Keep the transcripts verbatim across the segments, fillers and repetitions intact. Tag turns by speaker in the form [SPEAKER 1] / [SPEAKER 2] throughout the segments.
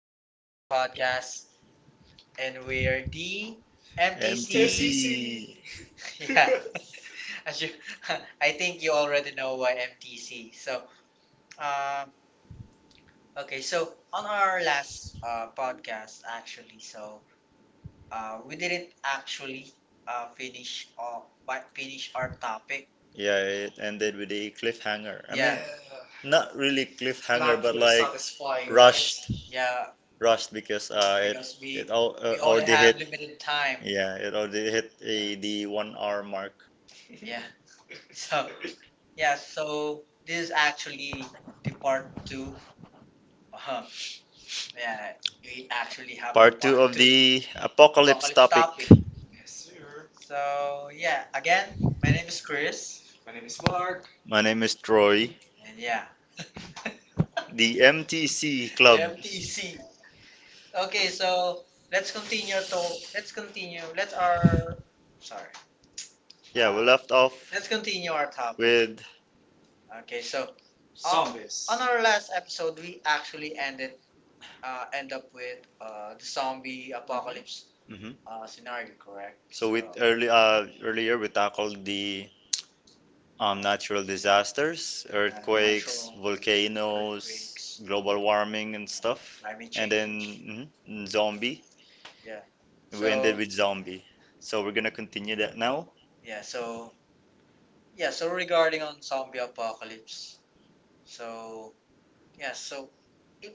[SPEAKER 1] welcome to our podcast. And we're the M T C. M T C.
[SPEAKER 2] M T C.
[SPEAKER 1] Yeah, as you, I think you already know why M T C. So, um, okay, so on our last uh, podcast, actually, so uh, we didn't actually uh, finish off, but finish our topic.
[SPEAKER 2] Yeah, it ended with a cliffhanger. I mean,
[SPEAKER 1] Yeah,
[SPEAKER 2] not really cliffhanger, but like It's
[SPEAKER 1] satisfying.
[SPEAKER 2] rushed,
[SPEAKER 1] Yeah,
[SPEAKER 2] rushed because uh,
[SPEAKER 1] because
[SPEAKER 2] it it all uh, We uh, already hit.
[SPEAKER 1] limited time.
[SPEAKER 2] Yeah, it already hit a, the one hour mark.
[SPEAKER 1] Yeah. Yeah. So this is actually the part two. Uh-huh. Yeah. We actually
[SPEAKER 2] A
[SPEAKER 1] have.
[SPEAKER 2] Part two part of two. The apocalypse Apocalypse topic. Topic.
[SPEAKER 1] Yes, sir. So yeah. Again, my name is Chris. My name is Mark.
[SPEAKER 2] My name is Troy.
[SPEAKER 1] And yeah.
[SPEAKER 2] The M T C Club.
[SPEAKER 1] See. Okay. So let's continue to. Let's continue. Let's our. Sorry.
[SPEAKER 2] Yeah, we left off
[SPEAKER 1] Let's continue our topic.
[SPEAKER 2] with.
[SPEAKER 1] Okay. So on, Zombies. On our last episode, we actually ended uh, end up with uh, the zombie apocalypse
[SPEAKER 2] Mhm.
[SPEAKER 1] mm-hmm uh, scenario, correct?
[SPEAKER 2] So with early uh, earlier we tackled the um, natural disasters, earthquakes, volcanoes, global warming, and stuff.
[SPEAKER 1] I mean,
[SPEAKER 2] And then mhm, and zombie.
[SPEAKER 1] yeah,
[SPEAKER 2] We ended with zombie. So we're gonna continue that now.
[SPEAKER 1] yeah. So yeah, so regarding on zombie apocalypse, so yeah, so if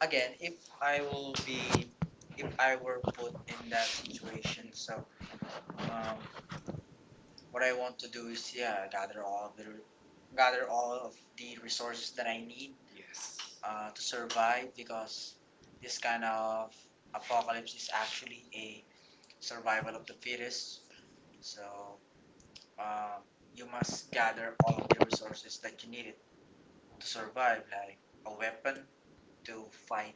[SPEAKER 1] again, if I will be, if I were put in that situation, so um, what I want to do is yeah, gather all of the re- gather all of the resources that I need. Yes. Uh, to survive, because this kind of apocalypse is actually a survival of the fittest. So um, you must gather all of the resources that you needed to survive, like a weapon to fight,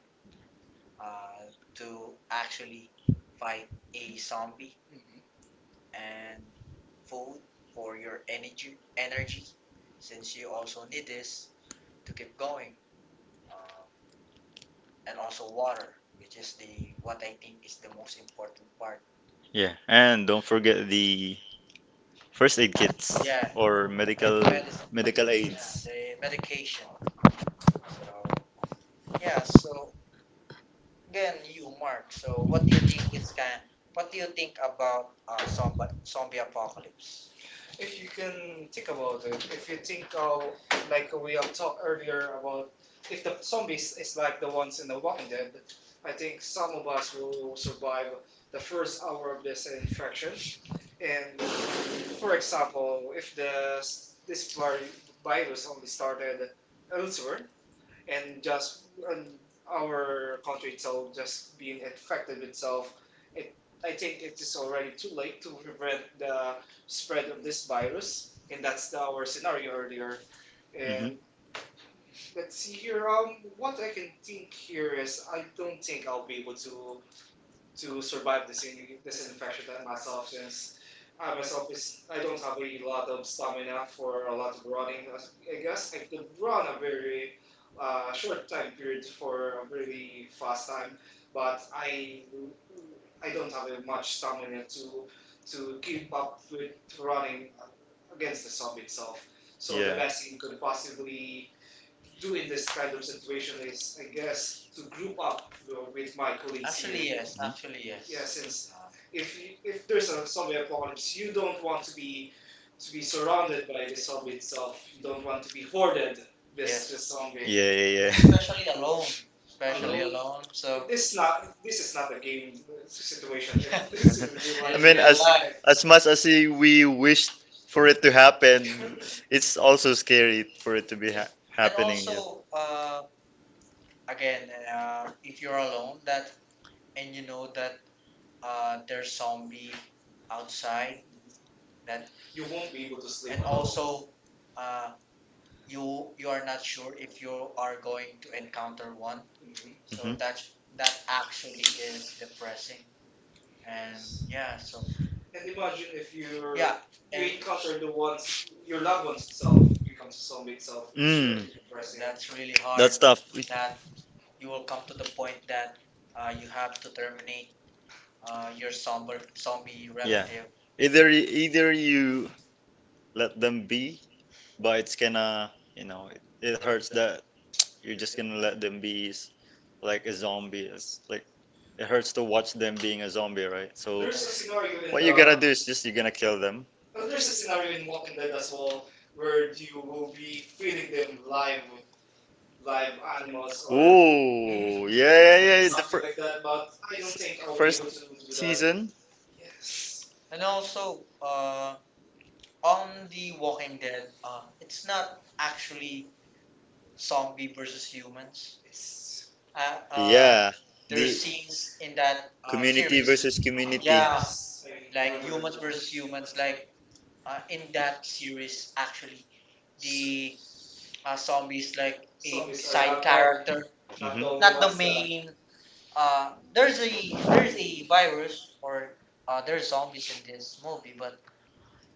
[SPEAKER 1] uh, to actually fight a zombie, and food for your energy energy since you also need this to keep going, um, and also water, which is the what I think is the most important part.
[SPEAKER 2] Yeah, and don't forget the first aid kits or medical medical aids.
[SPEAKER 1] The medication. so yeah so Again, you, Mark. So, what do you think it's kind? What do you think about uh, zombie zombie apocalypse? If you can think about it, if you think how, like we have talked earlier about, if the zombies is like the ones in The Walking Dead, I think some of us will survive the first hour of this infection. And for example, if the this vir- virus only started elsewhere, and just and our country itself just being affected itself. It I think it is already too late to prevent the spread of this virus, and that's the, our scenario earlier.
[SPEAKER 2] Hmm
[SPEAKER 1] And let's see here. Um, what I can think here is I don't think I'll be able to to survive this in, this infection than myself, since I myself is I don't have a lot of stamina for a lot of running. I guess I could run a very uh, short time period for a really fast time, but I I don't have much stamina to to keep up with running against the sub itself. So the Yeah
[SPEAKER 2] Yeah.
[SPEAKER 1] best thing could possibly do in this kind of situation is, I guess, to group up wi- with my colleagues. Actually, here. Yes. Actually, yes. Yeah, yes. Since Um, if you, if there's a zombie apocalypse, you don't want to be to be surrounded by the zombie itself. You don't want to be hoarded this Yes this
[SPEAKER 2] Mhm.
[SPEAKER 1] zombie,
[SPEAKER 2] Yeah, yeah,
[SPEAKER 1] especially alone. Especially Alone.
[SPEAKER 2] yeah.
[SPEAKER 1] Alone. So this not this is not a game situation. Yeah. this
[SPEAKER 2] This is
[SPEAKER 1] is real it's life.
[SPEAKER 2] really I what
[SPEAKER 1] It's
[SPEAKER 2] mean, real
[SPEAKER 1] real
[SPEAKER 2] as
[SPEAKER 1] life.
[SPEAKER 2] life. As much as i- we wished for it to happen, it's also scary for it to be ha And happening. Yeah.
[SPEAKER 1] So, uh, again, uh, if you're alone, that and you know that uh, there's zombie outside, that you won't be able to sleep. And also, uh, you you are not sure if you are going to encounter one. Mhm. So
[SPEAKER 2] Mhm.
[SPEAKER 1] that's that actually is depressing. and yeah so And imagine if you yeah you encounter the ones your loved ones itself becomes a
[SPEAKER 2] is
[SPEAKER 1] zombie itself.
[SPEAKER 2] Mm,
[SPEAKER 1] Depressing. That's
[SPEAKER 2] that's really
[SPEAKER 1] really
[SPEAKER 2] hard.
[SPEAKER 1] hard,
[SPEAKER 2] That's tough. We-
[SPEAKER 1] that you will come to the point that uh, you have to terminate uh, your zombie zombie
[SPEAKER 2] Yeah.
[SPEAKER 1] relative.
[SPEAKER 2] Either y- either you let them be, but it's gonna, you know, it, it hurts that you're just gonna let them be s- like a zombie. It's like it hurts to watch them being a zombie, right? So
[SPEAKER 1] There's a scenario in
[SPEAKER 2] what you
[SPEAKER 1] the
[SPEAKER 2] gotta do is just you're gonna kill them.
[SPEAKER 1] Oh, there's a scenario in Walking Dead as well where you will be feeding them live live animals or
[SPEAKER 2] Ooh, yeah, yeah, yeah. Yeah, The fir-
[SPEAKER 1] like that, but I don't think I would
[SPEAKER 2] first
[SPEAKER 1] want to do that. Season.
[SPEAKER 2] season.
[SPEAKER 1] And also, uh, on The Walking Dead, uh, it's not actually zombie versus humans. It's
[SPEAKER 2] I mean,
[SPEAKER 1] Uh,
[SPEAKER 2] yeah, the
[SPEAKER 1] scenes in
[SPEAKER 2] some
[SPEAKER 1] that
[SPEAKER 2] community versus of community.
[SPEAKER 1] like humans versus humans, like uh, in that series actually the uh, zombies like a side character, the
[SPEAKER 2] Hmm
[SPEAKER 1] not the main. uh there's a there's a virus or uh there's zombies in this movie, but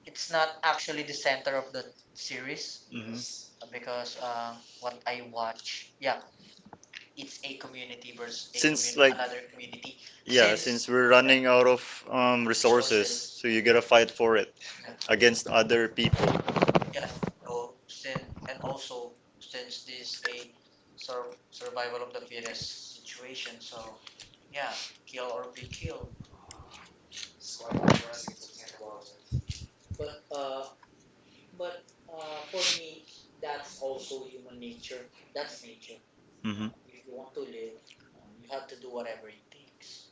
[SPEAKER 1] it's not actually the center of the series.
[SPEAKER 2] hmm
[SPEAKER 1] Yes. because uh what I watch Yeah, it's a community versus
[SPEAKER 2] Since, like-
[SPEAKER 1] another community.
[SPEAKER 2] yeah, since since we're running out of um, resources, resources, so
[SPEAKER 1] Yeah.
[SPEAKER 2] you gotta fight for it against other people.
[SPEAKER 1] Yes. So since and also Since this a sur survival of the fittest situation, so yeah, kill or be killed. But uh, but uh, For me, that's also human nature. That's nature.
[SPEAKER 2] Hmm
[SPEAKER 1] If you want to live, uh, you have to do whatever it takes.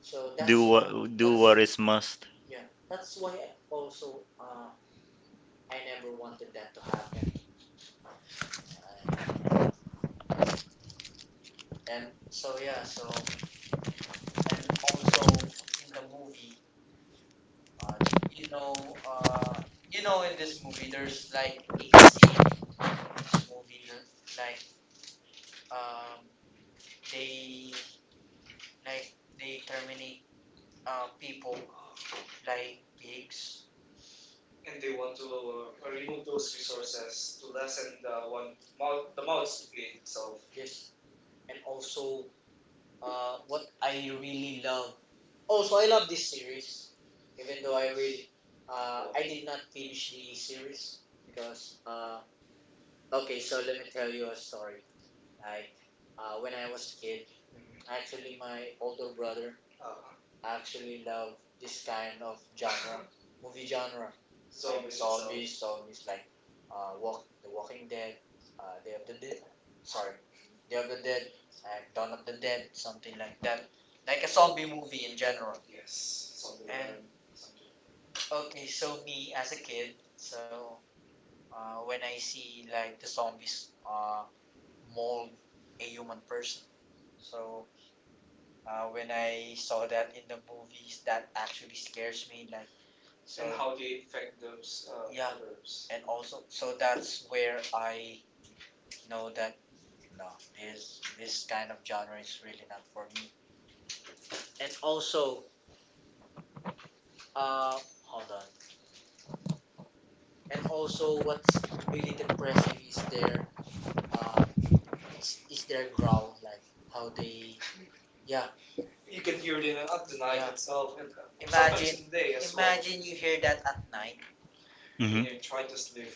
[SPEAKER 1] So
[SPEAKER 2] Do that's- what do what is must.
[SPEAKER 1] yeah, that's why I also uh, I never wanted that to happen. Uh, and so yeah, so and also in the movie, uh, you know, uh, you know, in this movie, there's like this movie like um, they like they terminate uh, people like pigs. And they want to uh, remove those resources to lessen the one mouth, the mouths to clean itself. Yes. And also, uh, what I really love. Also, I love this series even though I really uh, I did not finish the series. Because uh, okay, so Let me tell you a story. Like uh, when I was a kid, actually my older brother Uh-huh actually loved this kind of genre, movie genre. So like it's zombies, zombies like uh, Walk the Walking Dead, uh, Day of the Dead. Sorry, Day of the Dead, like Dawn of the Dead, something like that. Like a zombie movie in general. Yes. Zombie And zombie. Okay, so me as a kid, so uh, when I see like the zombies uh, mold a human person, so uh, when I saw that in the movies, that actually scares me. Like so, and how they infect those uh, Yeah others. And also so that's where I know that no, this this kind of genre is really not for me. And also, uh, hold on. And also, what's really depressing is their uh, it's is their growl, like how they yeah. You can hear it in at the night Yeah itself. And imagine in the day as well. Imagine well, you hear that at night. And
[SPEAKER 2] Hmm
[SPEAKER 1] you try to sleep.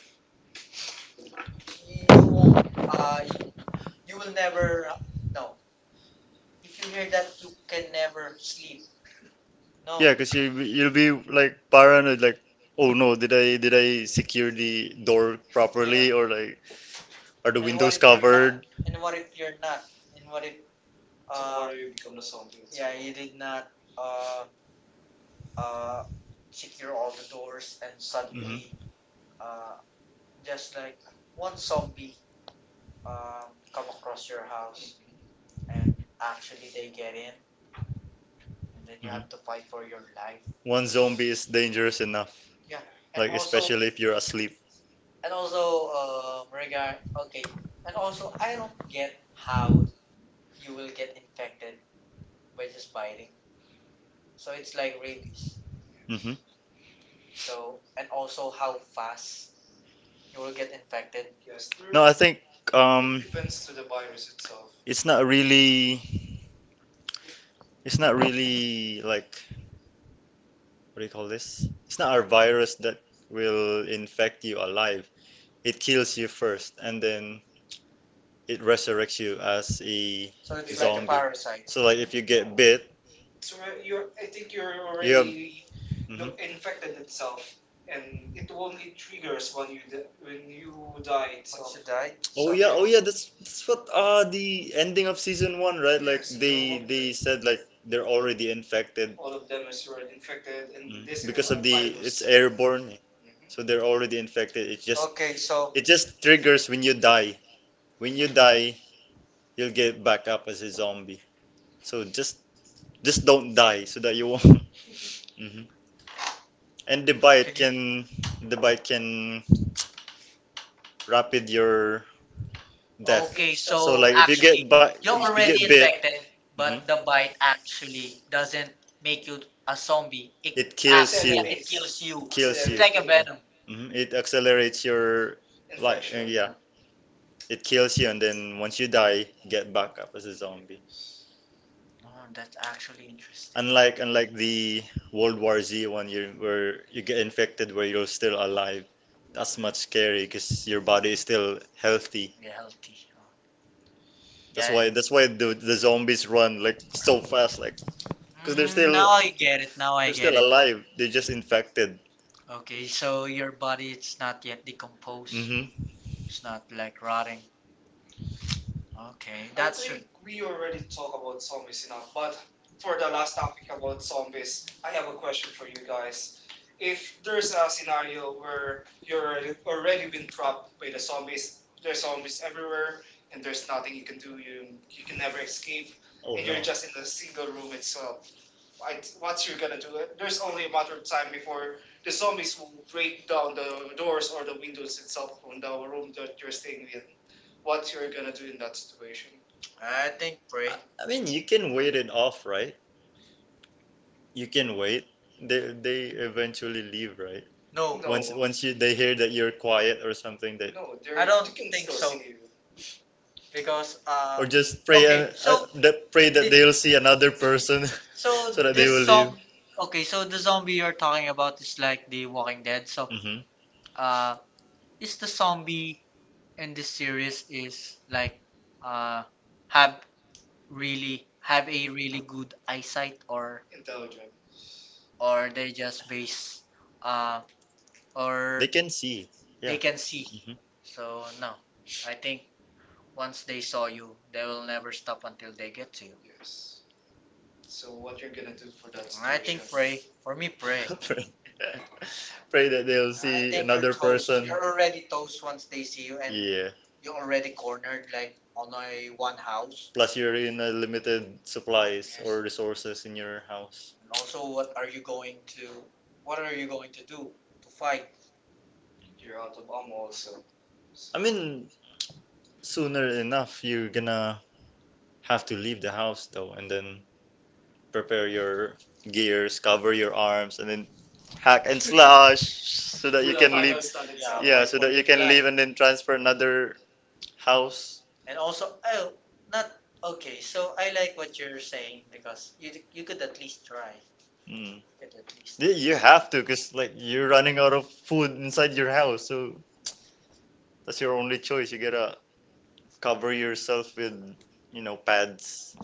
[SPEAKER 1] You won't uh you will never uh, no If you hear that you can never sleep. No.
[SPEAKER 2] Yeah, because you you'll be like paranoid, like, oh no, did I did I secure the door properly, or like, are the windows covered?
[SPEAKER 1] and what if you're not and what if uh tomorrow you become a zombie. Yeah, well, you did not uh uh secure all the doors, and
[SPEAKER 2] Hmm
[SPEAKER 1] suddenly uh just like one zombie um, come across your house, and actually they get in, and then you have to
[SPEAKER 2] hmm
[SPEAKER 1] fight for your life.
[SPEAKER 2] One zombie is dangerous enough,
[SPEAKER 1] Yeah.
[SPEAKER 2] like especially if you're asleep.
[SPEAKER 1] And also um, regard okay and also I don't get how you will get infected by just biting. So it's like rabies.
[SPEAKER 2] Hmm
[SPEAKER 1] So and also how fast you will get infected Yes,
[SPEAKER 2] No, I think um
[SPEAKER 1] to the virus itself.
[SPEAKER 2] it's not really, it's not really like, what do you call this? It's not a virus that will infect you alive. It kills you first and then it resurrects you as a So it is zombie.
[SPEAKER 1] Parasite.
[SPEAKER 2] So like if you get bit,
[SPEAKER 1] So you're. I think you're
[SPEAKER 2] you
[SPEAKER 1] already
[SPEAKER 2] have- Mhm. Look,
[SPEAKER 1] infected itself, and it only triggers when you di- when you die itself. Once you die.
[SPEAKER 2] oh yeah oh yeah, that's that's what uh the ending of season one, right? Like, no, they they said like they're already infected.
[SPEAKER 1] All of them is already infected, and this
[SPEAKER 2] Mm. Because of what the it's virus. Airborne. Mhm. So they're already infected, it just, it just triggers when you die. When you die, you'll get back up as a zombie. So just just don't die so that you won't. Mhm. And the bite can, the bite can rapid your death.
[SPEAKER 1] Okay,
[SPEAKER 2] So
[SPEAKER 1] so
[SPEAKER 2] like if you get actually, bite, if you get already bit,
[SPEAKER 1] then, but the
[SPEAKER 2] mhm,
[SPEAKER 1] bite actually doesn't make you a zombie. It
[SPEAKER 2] it
[SPEAKER 1] Yeah,
[SPEAKER 2] kills you.
[SPEAKER 1] it kills you.
[SPEAKER 2] Kills you.
[SPEAKER 1] Venom.
[SPEAKER 2] Mhm, it accelerates your life. Yeah, it kills you and then once you die, you get back up as a zombie.
[SPEAKER 1] Oh, that's actually interesting.
[SPEAKER 2] Unlike unlike the World War Z one, you where you get infected where you're still alive. That's much scary because your body is still healthy.
[SPEAKER 1] They're healthy. Oh,
[SPEAKER 2] That's
[SPEAKER 1] yeah.
[SPEAKER 2] why, that's why the, the zombies run like so fast, like because they're still,
[SPEAKER 1] Now you get it. Now I.
[SPEAKER 2] they're still it. Alive. They're just infected.
[SPEAKER 1] Okay, so your body it's not yet decomposed.
[SPEAKER 2] Hmm
[SPEAKER 1] It's not like rotting. Okay, I that's true think we already talk about zombies enough, but for the last topic about zombies, I have a question for you guys. If there's a scenario where you're already been trapped by the zombies, there's zombies everywhere, and there's nothing you can do, you, you can never escape,
[SPEAKER 2] Oh
[SPEAKER 1] and
[SPEAKER 2] no.
[SPEAKER 1] you're just in a single room itself, like once you're gonna do there's only one third time before the zombies will break down the doors or the windows itself on the room that you're staying in. What you're gonna do in that situation? I think break.
[SPEAKER 2] I mean, you can wait it off, right? You can wait. They they eventually leave, right?
[SPEAKER 1] No, no,
[SPEAKER 2] once once you, they hear that you're quiet or something, they,
[SPEAKER 1] no, I don't you think so. See it. Because
[SPEAKER 2] or
[SPEAKER 1] uh,
[SPEAKER 2] just pray and uh, uh, that, pray that they'll see another person.
[SPEAKER 1] so
[SPEAKER 2] So that they will leave.
[SPEAKER 1] Okay, so the
[SPEAKER 2] Zom-
[SPEAKER 1] zombie you're talking about is like the Walking Dead. So
[SPEAKER 2] something
[SPEAKER 1] uh, is the zombie in this series is like uh have really have a really good eyesight, or or they just base uh,
[SPEAKER 2] hmm They
[SPEAKER 1] or
[SPEAKER 2] or can see. Yeah.
[SPEAKER 1] they
[SPEAKER 2] can
[SPEAKER 1] can see.
[SPEAKER 2] hmm
[SPEAKER 1] So no, I think once they saw you, they will never stop until they get to you. I think pray. For me, pray.
[SPEAKER 2] Pray, pray that they'll, I see think you're another toast. Person.
[SPEAKER 1] Already toast once they see you, and
[SPEAKER 2] Yeah.
[SPEAKER 1] you already cornered like on a one house.
[SPEAKER 2] Plus, you're in a limited supplies or resources in your house.
[SPEAKER 1] And also what are you going to What are you going to do to fight? You're out of ammo, so
[SPEAKER 2] I mean, sooner enough, you're gonna have to leave the house though, and then prepare your gears, cover your arms, and then hack and slash so that you
[SPEAKER 1] time.
[SPEAKER 2] can leave. Yeah, so that you can leave and then transfer another house.
[SPEAKER 1] And also, oh, not okay. So I like what you're saying because you you could at least try. You
[SPEAKER 2] Mm.
[SPEAKER 1] could at least.
[SPEAKER 2] Y- You have to, cause like you're running out of food inside your house, so that's your only choice. You gotta cover yourself with, you know, pads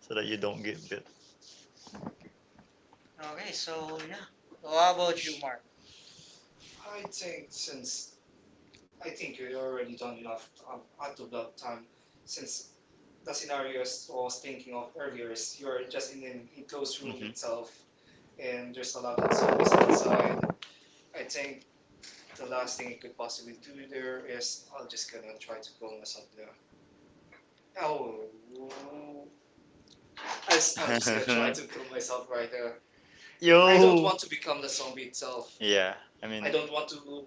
[SPEAKER 2] so that you don't get bit.
[SPEAKER 1] Okay, so yeah. So how about you, Mark? I think since I think you're already done enough up until that time, since the scenarios I was thinking of earlier is you're just in a enclosed room
[SPEAKER 2] Mhm.
[SPEAKER 1] itself, and there's a lot of zombies outside. I think the last thing I could possibly do there is I'll just gonna try to kill myself there. Oh, I, will just gonna try to kill myself right there. Yeah,
[SPEAKER 2] Yo.
[SPEAKER 1] I don't want to become the zombie itself.
[SPEAKER 2] Yeah. I mean. I
[SPEAKER 1] I don't want to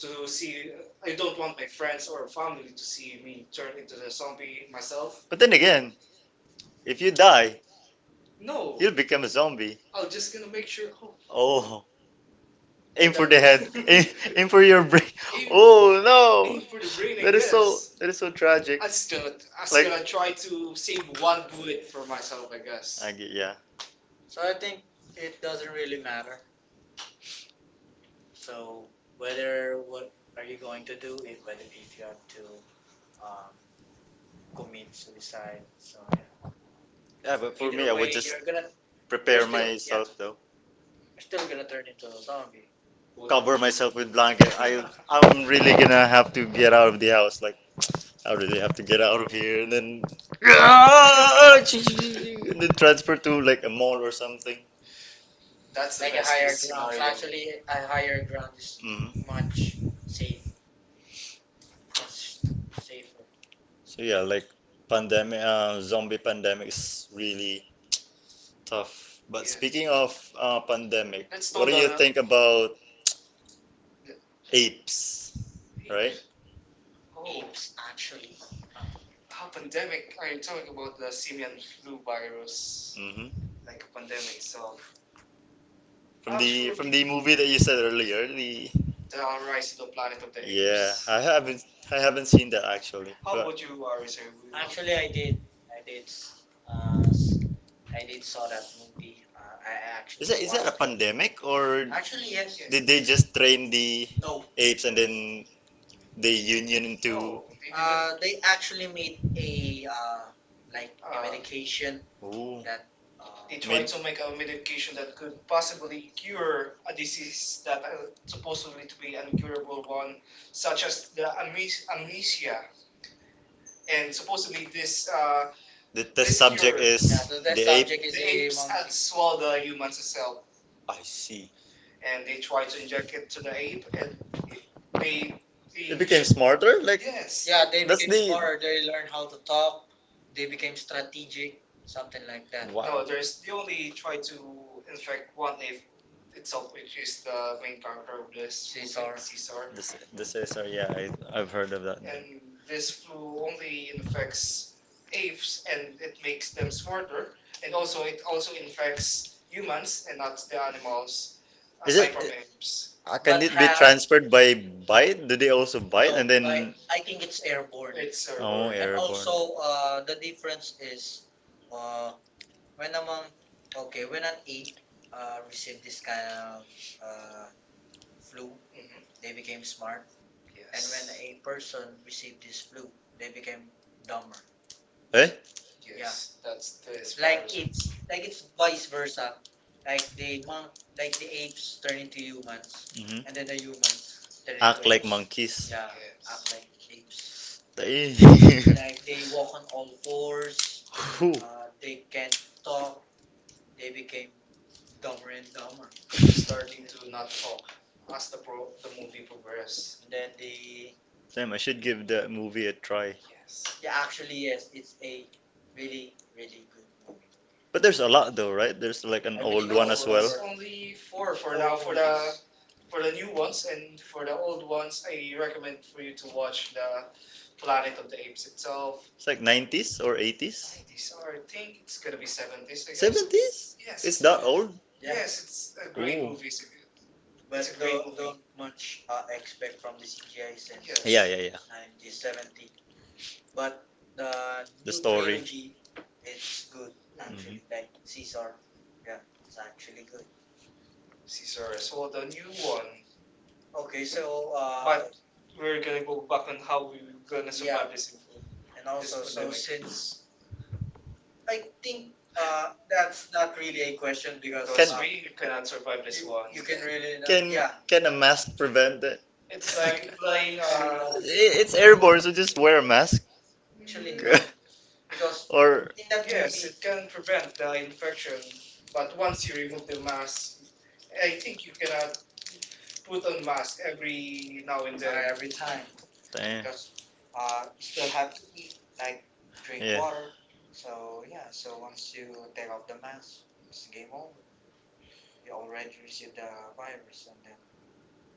[SPEAKER 1] to see. I don't want my friends or family to see me turn into the zombie myself.
[SPEAKER 2] but then again, if you die,
[SPEAKER 1] No,
[SPEAKER 2] you'll become a zombie.
[SPEAKER 1] I'm just gonna make sure.
[SPEAKER 2] Oh, aim for the head. Aim, aim for your brain.
[SPEAKER 1] Oh,
[SPEAKER 2] Oh no.
[SPEAKER 1] breathing,
[SPEAKER 2] That is so,
[SPEAKER 1] yes.
[SPEAKER 2] that is so tragic. Like-
[SPEAKER 1] That's gonna. I'm just gonna try to save one bullet for myself, I
[SPEAKER 2] I
[SPEAKER 1] guess.
[SPEAKER 2] get, yeah.
[SPEAKER 1] So I think it doesn't really matter. So whether what are you going to do, if whether if you have to um, commit suicide. So yeah. Yeah,
[SPEAKER 2] Yeah, but for
[SPEAKER 1] but
[SPEAKER 2] me, I would just
[SPEAKER 1] you're gonna
[SPEAKER 2] prepare you myself though.
[SPEAKER 1] you're still gonna turn into a zombie.
[SPEAKER 2] Cover myself with blanket. I I'm really gonna have to get out of the house. Like, how do they have to get out of here and then, ah, and then transfer to like a mall or something?
[SPEAKER 1] That's the like a higher ground scenario. Actually, a higher ground is
[SPEAKER 2] Hmm
[SPEAKER 1] much safe, much safer.
[SPEAKER 2] So yeah, like pandemic, uh, zombie pandemic is really tough. But yeah, speaking of uh, pandemic,
[SPEAKER 1] Let's
[SPEAKER 2] what do you think
[SPEAKER 1] oh,
[SPEAKER 2] about apes? Right?
[SPEAKER 1] Apes actually. How pandemic. Are you talking about the simian flu virus,
[SPEAKER 2] mm hmm
[SPEAKER 1] like a pandemic itself?
[SPEAKER 2] From the from the movie that you said earlier, the,
[SPEAKER 1] The rise of the Planet of the—
[SPEAKER 2] yeah, I haven't I haven't seen that actually.
[SPEAKER 1] would
[SPEAKER 2] But
[SPEAKER 1] you uh, reserve? Actually, I did. I did. Uh, I did saw that movie. Uh, I
[SPEAKER 2] Is actually
[SPEAKER 1] actually,
[SPEAKER 2] that is that a it. pandemic, or
[SPEAKER 1] actually yes.
[SPEAKER 2] did they just train the
[SPEAKER 1] No.
[SPEAKER 2] apes and then they union into?
[SPEAKER 1] Oh, Uh, they actually made a uh, like uh, a Uh, medication
[SPEAKER 2] they, Ooh.
[SPEAKER 1] that. Uh, they to make a
[SPEAKER 2] Made-
[SPEAKER 1] medication that could possibly cure a disease that uh, supposedly to be an incurable one, such as the ames- amnesia. And supposedly this uh,
[SPEAKER 2] the test subject is the ape.
[SPEAKER 1] is a the human cell.
[SPEAKER 2] I see. Is
[SPEAKER 1] And they try to inject it to the ape, and they,
[SPEAKER 2] They
[SPEAKER 1] they
[SPEAKER 2] The became smarter. Like, That's
[SPEAKER 1] yes. Yeah, they learn, they
[SPEAKER 2] the-
[SPEAKER 1] learn how to talk. They became strategic, something like that.
[SPEAKER 2] wow.
[SPEAKER 1] No, there's they only try to infect one ape itself, which is the main character of this Caesar. Caesar.
[SPEAKER 2] This, this is, sorry, yeah, I, I've heard of that.
[SPEAKER 1] And this flu only infects apes, and it makes them smarter, and also it also infects humans and not the animals,
[SPEAKER 2] Is it-
[SPEAKER 1] apes.
[SPEAKER 2] Uh, can But it be transferred by bite? Do they also bite, no, and by
[SPEAKER 1] I,
[SPEAKER 2] then?
[SPEAKER 1] I think it's airborne. It's
[SPEAKER 2] Oh, airborne.
[SPEAKER 1] and
[SPEAKER 2] Airborne.
[SPEAKER 1] also, uh, the difference is uh, when among okay, when an ape uh, received this kind of uh, flu, mhm, they became smart, yes, and yes, when a person received this flu, they became dumber.
[SPEAKER 2] Eh?
[SPEAKER 1] Yes, yeah, that's this. Like it's like it's vice versa. Like the monk, like the apes turn into humans,
[SPEAKER 2] Hmm
[SPEAKER 1] and then the humans turn
[SPEAKER 2] Act like territories. Monkeys.
[SPEAKER 1] yeah. Yes, act like apes.
[SPEAKER 2] Eh.
[SPEAKER 1] Like they walk on all fours.
[SPEAKER 2] Whew.
[SPEAKER 1] Uh, they can't talk. They became dumber and dumber. They start to not talk as the pro- the movie progresses. And then they,
[SPEAKER 2] Damn, I should give that movie a try.
[SPEAKER 1] yes, yeah, actually yes, it's a really really good movie.
[SPEAKER 2] But there's a lot though, right? There's like an I old think
[SPEAKER 1] No,
[SPEAKER 2] one as
[SPEAKER 1] it's
[SPEAKER 2] No,
[SPEAKER 1] over.
[SPEAKER 2] well.
[SPEAKER 1] Only four for four now for the movies. For the new ones and for the old ones, I recommend for you to watch the Planet of the Apes itself.
[SPEAKER 2] It's like nineties or eighties?
[SPEAKER 1] These are, I think, it's gonna be seven.
[SPEAKER 2] seventies? It's that old?
[SPEAKER 1] Yes, it's
[SPEAKER 2] Yes.
[SPEAKER 1] a great
[SPEAKER 2] Ooh.
[SPEAKER 1] movie. It's a— but it's a great don't, movie. Don't much uh, expect from the C G I since yeah.
[SPEAKER 2] Yeah, yeah, yeah.
[SPEAKER 1] nineteen seventy. But the
[SPEAKER 2] The
[SPEAKER 1] new
[SPEAKER 2] story.
[SPEAKER 1] G, it's good. Mm,
[SPEAKER 2] Mhm.
[SPEAKER 1] actually. Like Caesar, yeah, it's actually good. Caesar. So the new one. Okay, so uh, but— we're gonna go back on how we're gonna survive, yeah, this, and this also so pandemic. Since I think uh, that's not really a question because Because uh, we
[SPEAKER 2] Can-
[SPEAKER 1] cannot survive this you- one. You can really
[SPEAKER 2] Can can a mask prevent it?
[SPEAKER 1] it's
[SPEAKER 2] I-
[SPEAKER 1] like playing. Uh,
[SPEAKER 2] It's airborne, so just wear a mask.
[SPEAKER 1] Actually, because or
[SPEAKER 2] Or
[SPEAKER 1] in that yes, movie, it can prevent the infection, but once you remove the mask, I think you cannot put on mask every now and uh, then, every time,
[SPEAKER 2] damn.
[SPEAKER 1] because uh, you still have to eat like drink.
[SPEAKER 2] Yeah.
[SPEAKER 1] So yeah, so once you take off the mask, it's game over. You already received the virus, and then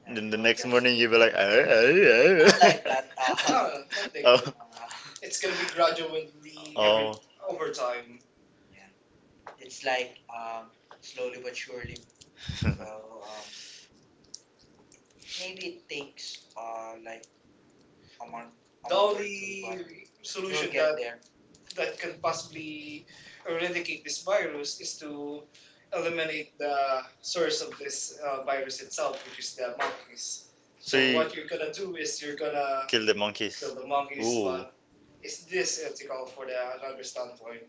[SPEAKER 2] Then the next morning you'll be like, oh,
[SPEAKER 1] like that. Uh,
[SPEAKER 2] oh, oh.
[SPEAKER 1] No, nothing. No.
[SPEAKER 2] Oh,
[SPEAKER 1] uh, It's gonna be gradual with the every
[SPEAKER 2] oh.
[SPEAKER 1] over time. Yeah. It's like um, slowly but surely.
[SPEAKER 2] You
[SPEAKER 1] So
[SPEAKER 2] know,
[SPEAKER 1] um, maybe it takes uh, like a month. A the month or only two, but solution you'll solution get that there that can possibly eradicate this virus is to eliminate the source of this uh, virus itself, which is the monkeys.
[SPEAKER 2] so
[SPEAKER 1] So
[SPEAKER 2] you
[SPEAKER 1] what you're gonna do is you're
[SPEAKER 2] kill the,
[SPEAKER 1] gonna
[SPEAKER 2] kill monkeys.
[SPEAKER 1] the
[SPEAKER 2] Kill
[SPEAKER 1] monkeys,
[SPEAKER 2] Ooh.
[SPEAKER 1] is this ethical for the another standpoint?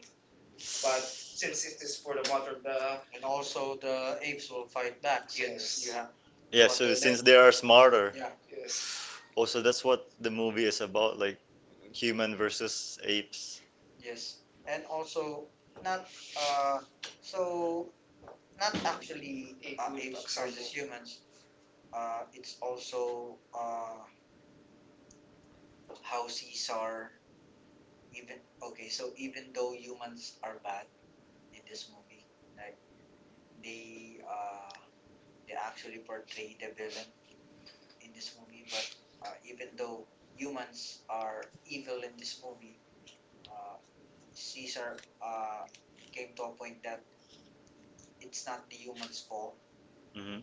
[SPEAKER 1] But since it is for the mother, the and also the apes will fight back since yes, you have
[SPEAKER 2] Yeah, so but since then- they are smarter.
[SPEAKER 1] yeah, yes,
[SPEAKER 2] Also, that's what the movie is about, like human versus apes.
[SPEAKER 1] yes. And also not uh so not actually ape uh, will apes attack versus someone. Humans. Uh it's also uh how Caesar even okay, so even though humans are bad in this movie, like they uh they actually portray the villain in this movie. But uh, even though humans are evil in this movie, uh, Caesar uh, came to a point that it's not the humans' fault
[SPEAKER 2] Hmm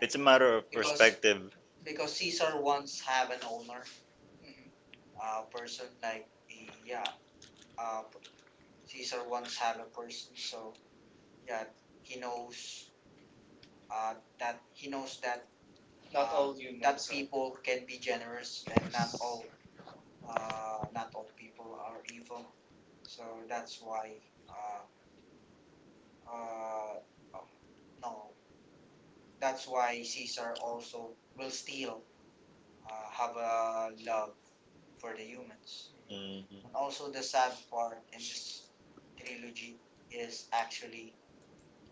[SPEAKER 2] It's a matter of It perspective.
[SPEAKER 1] because Caesar once have an owner, mm-hmm, a person like a- yeah, uh, Caesar once have a person. So yeah, he knows uh, that he knows that not Uh, all humans that are- people are can be generous, yes, and not yes, all uh, not all people are evil. So that's why, uh, uh, um, no, that's why Caesar also will still uh, have a love for the humans.
[SPEAKER 2] Hmm
[SPEAKER 1] And also, the sad part in this trilogy is actually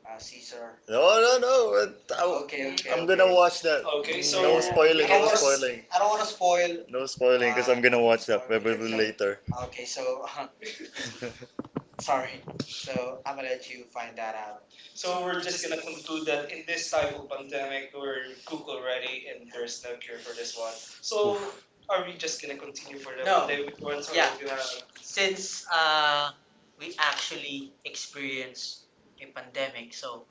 [SPEAKER 1] uh, Caesar.
[SPEAKER 2] No, no, no. it- I am, I'm gonna watch that.
[SPEAKER 1] Okay.
[SPEAKER 2] No spoiling, no spoiling.
[SPEAKER 1] I don't want to spoil.
[SPEAKER 2] No spoiling, because I'm Uh, gonna watch that probably okay. later.
[SPEAKER 1] Okay, so sorry. So I'm gonna let you find that out. So we're just gonna conclude that in this type of pandemic, we're cooked already, and there's no cure for this one. So
[SPEAKER 2] Oof.
[SPEAKER 1] are we just gonna continue for the no, pandemic ones, or yeah, are gonna? Since uh, we actually experienced a pandemic, so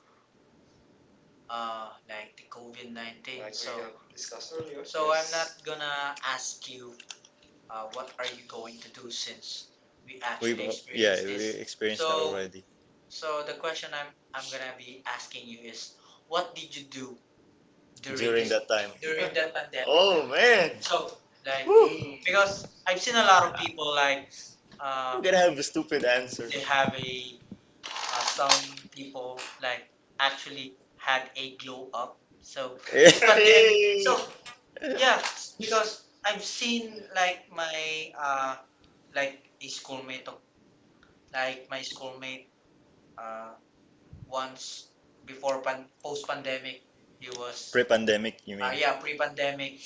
[SPEAKER 1] uh, like the COVID nineteen, like so we so have discussed earlier, so I'm yes, not yes, gonna ask you uh, what are you going to do since we
[SPEAKER 2] We've actually uh, yeah, we this. Experienced that already
[SPEAKER 1] so the question I'm I'm gonna be asking you is, what did you do during
[SPEAKER 2] during, during that time.
[SPEAKER 1] that pandemic?
[SPEAKER 2] Oh man.
[SPEAKER 1] So like
[SPEAKER 2] Woo.
[SPEAKER 1] because I've seen a lot of people like uh,
[SPEAKER 2] I'm gonna have a stupid answer.
[SPEAKER 1] they have a uh, some people like actually had a glow up.
[SPEAKER 2] So
[SPEAKER 1] So
[SPEAKER 2] they Hey.
[SPEAKER 1] yeah, s- because I've seen like my uh, like a schoolmate of like my schoolmate uh, once before pan post pandemic he was
[SPEAKER 2] Pre-pandemic, you uh,
[SPEAKER 1] uh, yeah pre
[SPEAKER 2] mean?
[SPEAKER 1] pandemic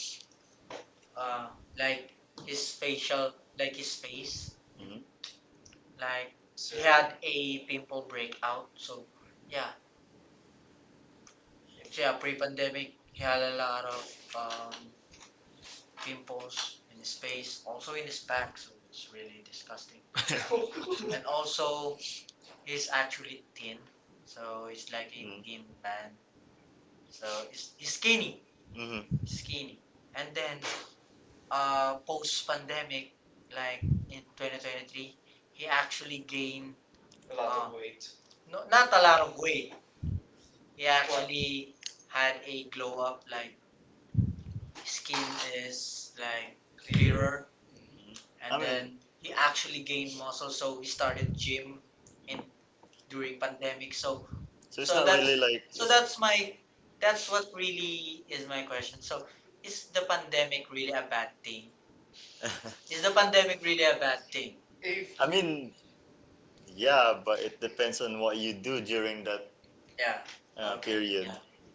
[SPEAKER 1] uh, like his facial, like his face,
[SPEAKER 2] Mhm.
[SPEAKER 1] like he so, had a pimple breakout. So yeah, so yeah, pre-pandemic, he had a lot of um, pimples in his face, also in his back. So it's really disgusting. And also, he's actually thin, so he's like a thin
[SPEAKER 2] Mm-hmm.
[SPEAKER 1] man. So he's, he's skinny,
[SPEAKER 2] Mhm.
[SPEAKER 1] skinny. And then, uh, post-pandemic, like in twenty twenty-three, he actually gained a lot Ah. of weight. No, not a lot of weight. He what? Actually had a glow up, like his skin is like clear, clearer,
[SPEAKER 2] and I and
[SPEAKER 1] and
[SPEAKER 2] mean,
[SPEAKER 1] he actually gained muscle. So he started gym in
[SPEAKER 2] in,
[SPEAKER 1] during pandemic. So,
[SPEAKER 2] So it's not really like.
[SPEAKER 1] so that's my that's what really is my question. So, is the pandemic really a bad thing? Is the pandemic really a bad thing? If
[SPEAKER 2] I mean, yeah, but it depends on what you do during that
[SPEAKER 1] yeah.
[SPEAKER 2] uh, period.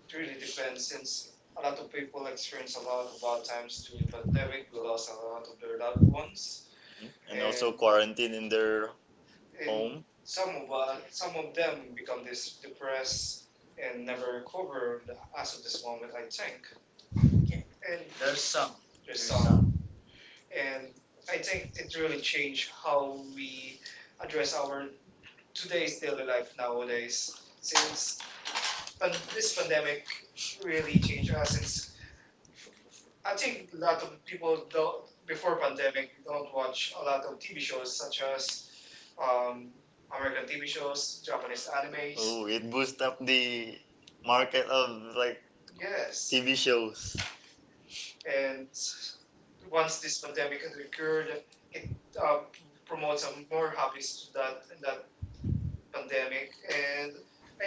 [SPEAKER 1] It really depends since a lot of people experience a lot of bad times during the pandemic. We lost a lot of their loved ones,
[SPEAKER 2] And also quarantine in their
[SPEAKER 1] and
[SPEAKER 2] home.
[SPEAKER 1] some of us, some of them become this depressed and never recover as of this moment. I think, okay, and there's some. there's there's some, some. And I think it really changed how we address our today's daily life nowadays. Since pan- this pandemic really changed us, since I think a lot of people don't, before pandemic don't watch a lot of T V shows such as um, American T V shows, Japanese animes. So
[SPEAKER 2] Oh, it boosts up the market of like
[SPEAKER 1] yes,
[SPEAKER 2] T V shows.
[SPEAKER 1] and once this pandemic has occurred, it uh, promotes a more hobbies to that in that pandemic, and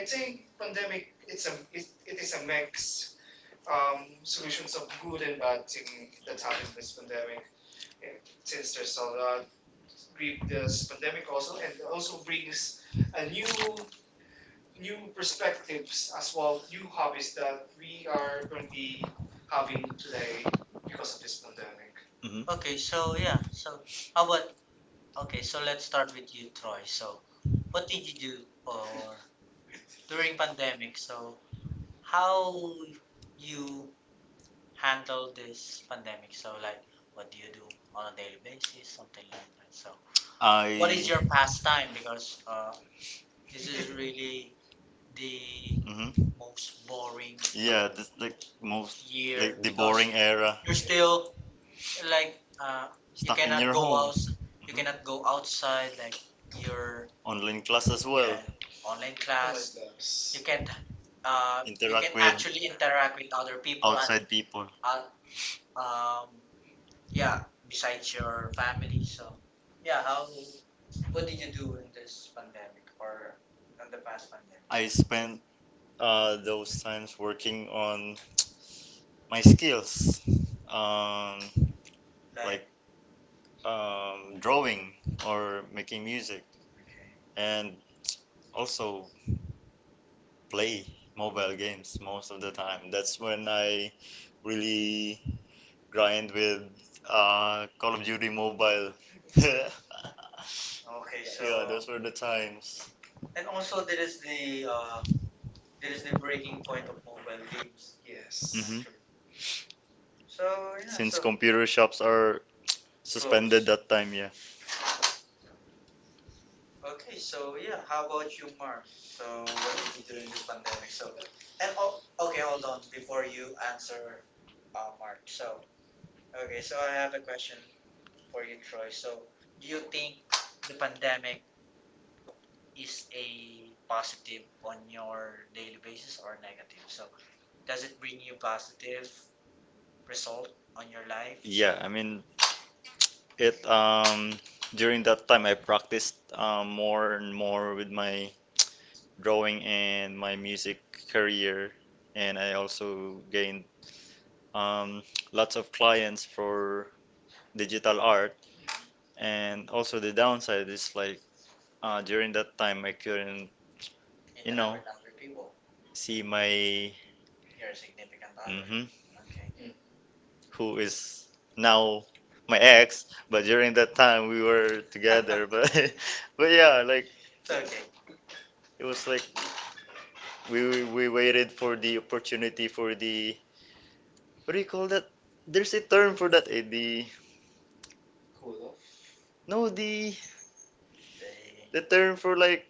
[SPEAKER 1] I think pandemic it's a it, it is a mix um, solutions of good and bad thing that happened this pandemic. Eh, since there's a lot, re- this pandemic also and it also brings a new new perspectives as well, new hobbies that we are going to be having today because of this pandemic.
[SPEAKER 2] Hmm
[SPEAKER 1] Okay, so yeah, so how about okay, so let's start with you, Troy. So what did you do or during pandemic. So how you handle this pandemic? So like what do you do on a daily basis, something like that. So what is
[SPEAKER 2] I.
[SPEAKER 1] your pastime? Because uh, this really the
[SPEAKER 2] Mhm.
[SPEAKER 1] most boring
[SPEAKER 2] Yeah, that's like most,
[SPEAKER 1] year.
[SPEAKER 2] like the boring era.
[SPEAKER 1] Still, like uh,
[SPEAKER 2] Stuck in your
[SPEAKER 1] go
[SPEAKER 2] home,
[SPEAKER 1] you cannot go outside. Like your
[SPEAKER 2] online class as well,
[SPEAKER 1] online class, you can't uh,
[SPEAKER 2] interact with-
[SPEAKER 1] really interact with other people.
[SPEAKER 2] outside people.
[SPEAKER 1] Uh, um, Yeah, besides your family. So, yeah, how what did you do in this pandemic or in the past pandemic?
[SPEAKER 2] I spent uh, those times working on my skills, um, like
[SPEAKER 1] Like,
[SPEAKER 2] um, drawing or making music,
[SPEAKER 1] okay,
[SPEAKER 2] and also play mobile games most of the time. That's when I really grind with uh, Call of Duty Mobile.
[SPEAKER 1] okay,
[SPEAKER 2] So yeah, those were the times.
[SPEAKER 1] and also there is the uh, there is the breaking point of mobile games. Yes.
[SPEAKER 2] Mhm.
[SPEAKER 1] Actually. So
[SPEAKER 2] Since computer shops are suspended that time, yeah.
[SPEAKER 1] yeah, okay, so yeah, how about you, Mark? So what did you do in this pandemic? So and oh, okay, hold on before you answer, uh, Mark. So okay, so I have a question for you, Troy. So do you think the pandemic is a positive on your daily basis or negative. So does it bring you positive result on your life
[SPEAKER 2] Yeah, I mean, it um during that time I practiced, um, more and more with my drawing and my music career. And I also gained um, lots of clients for digital art. And also the downside is like, uh, during that time I couldn't,
[SPEAKER 1] and
[SPEAKER 2] you know,
[SPEAKER 1] with other people?
[SPEAKER 2] see my,
[SPEAKER 1] Your significant other.
[SPEAKER 2] hmm
[SPEAKER 1] Okay.
[SPEAKER 2] who is now my ex. But during that time we were together. But but yeah, like
[SPEAKER 1] So okay.
[SPEAKER 2] it was like, we we waited for the opportunity for the, what do you call that? There's a term for that, eh? The
[SPEAKER 1] Cool.
[SPEAKER 2] No, the the
[SPEAKER 1] The
[SPEAKER 2] term for like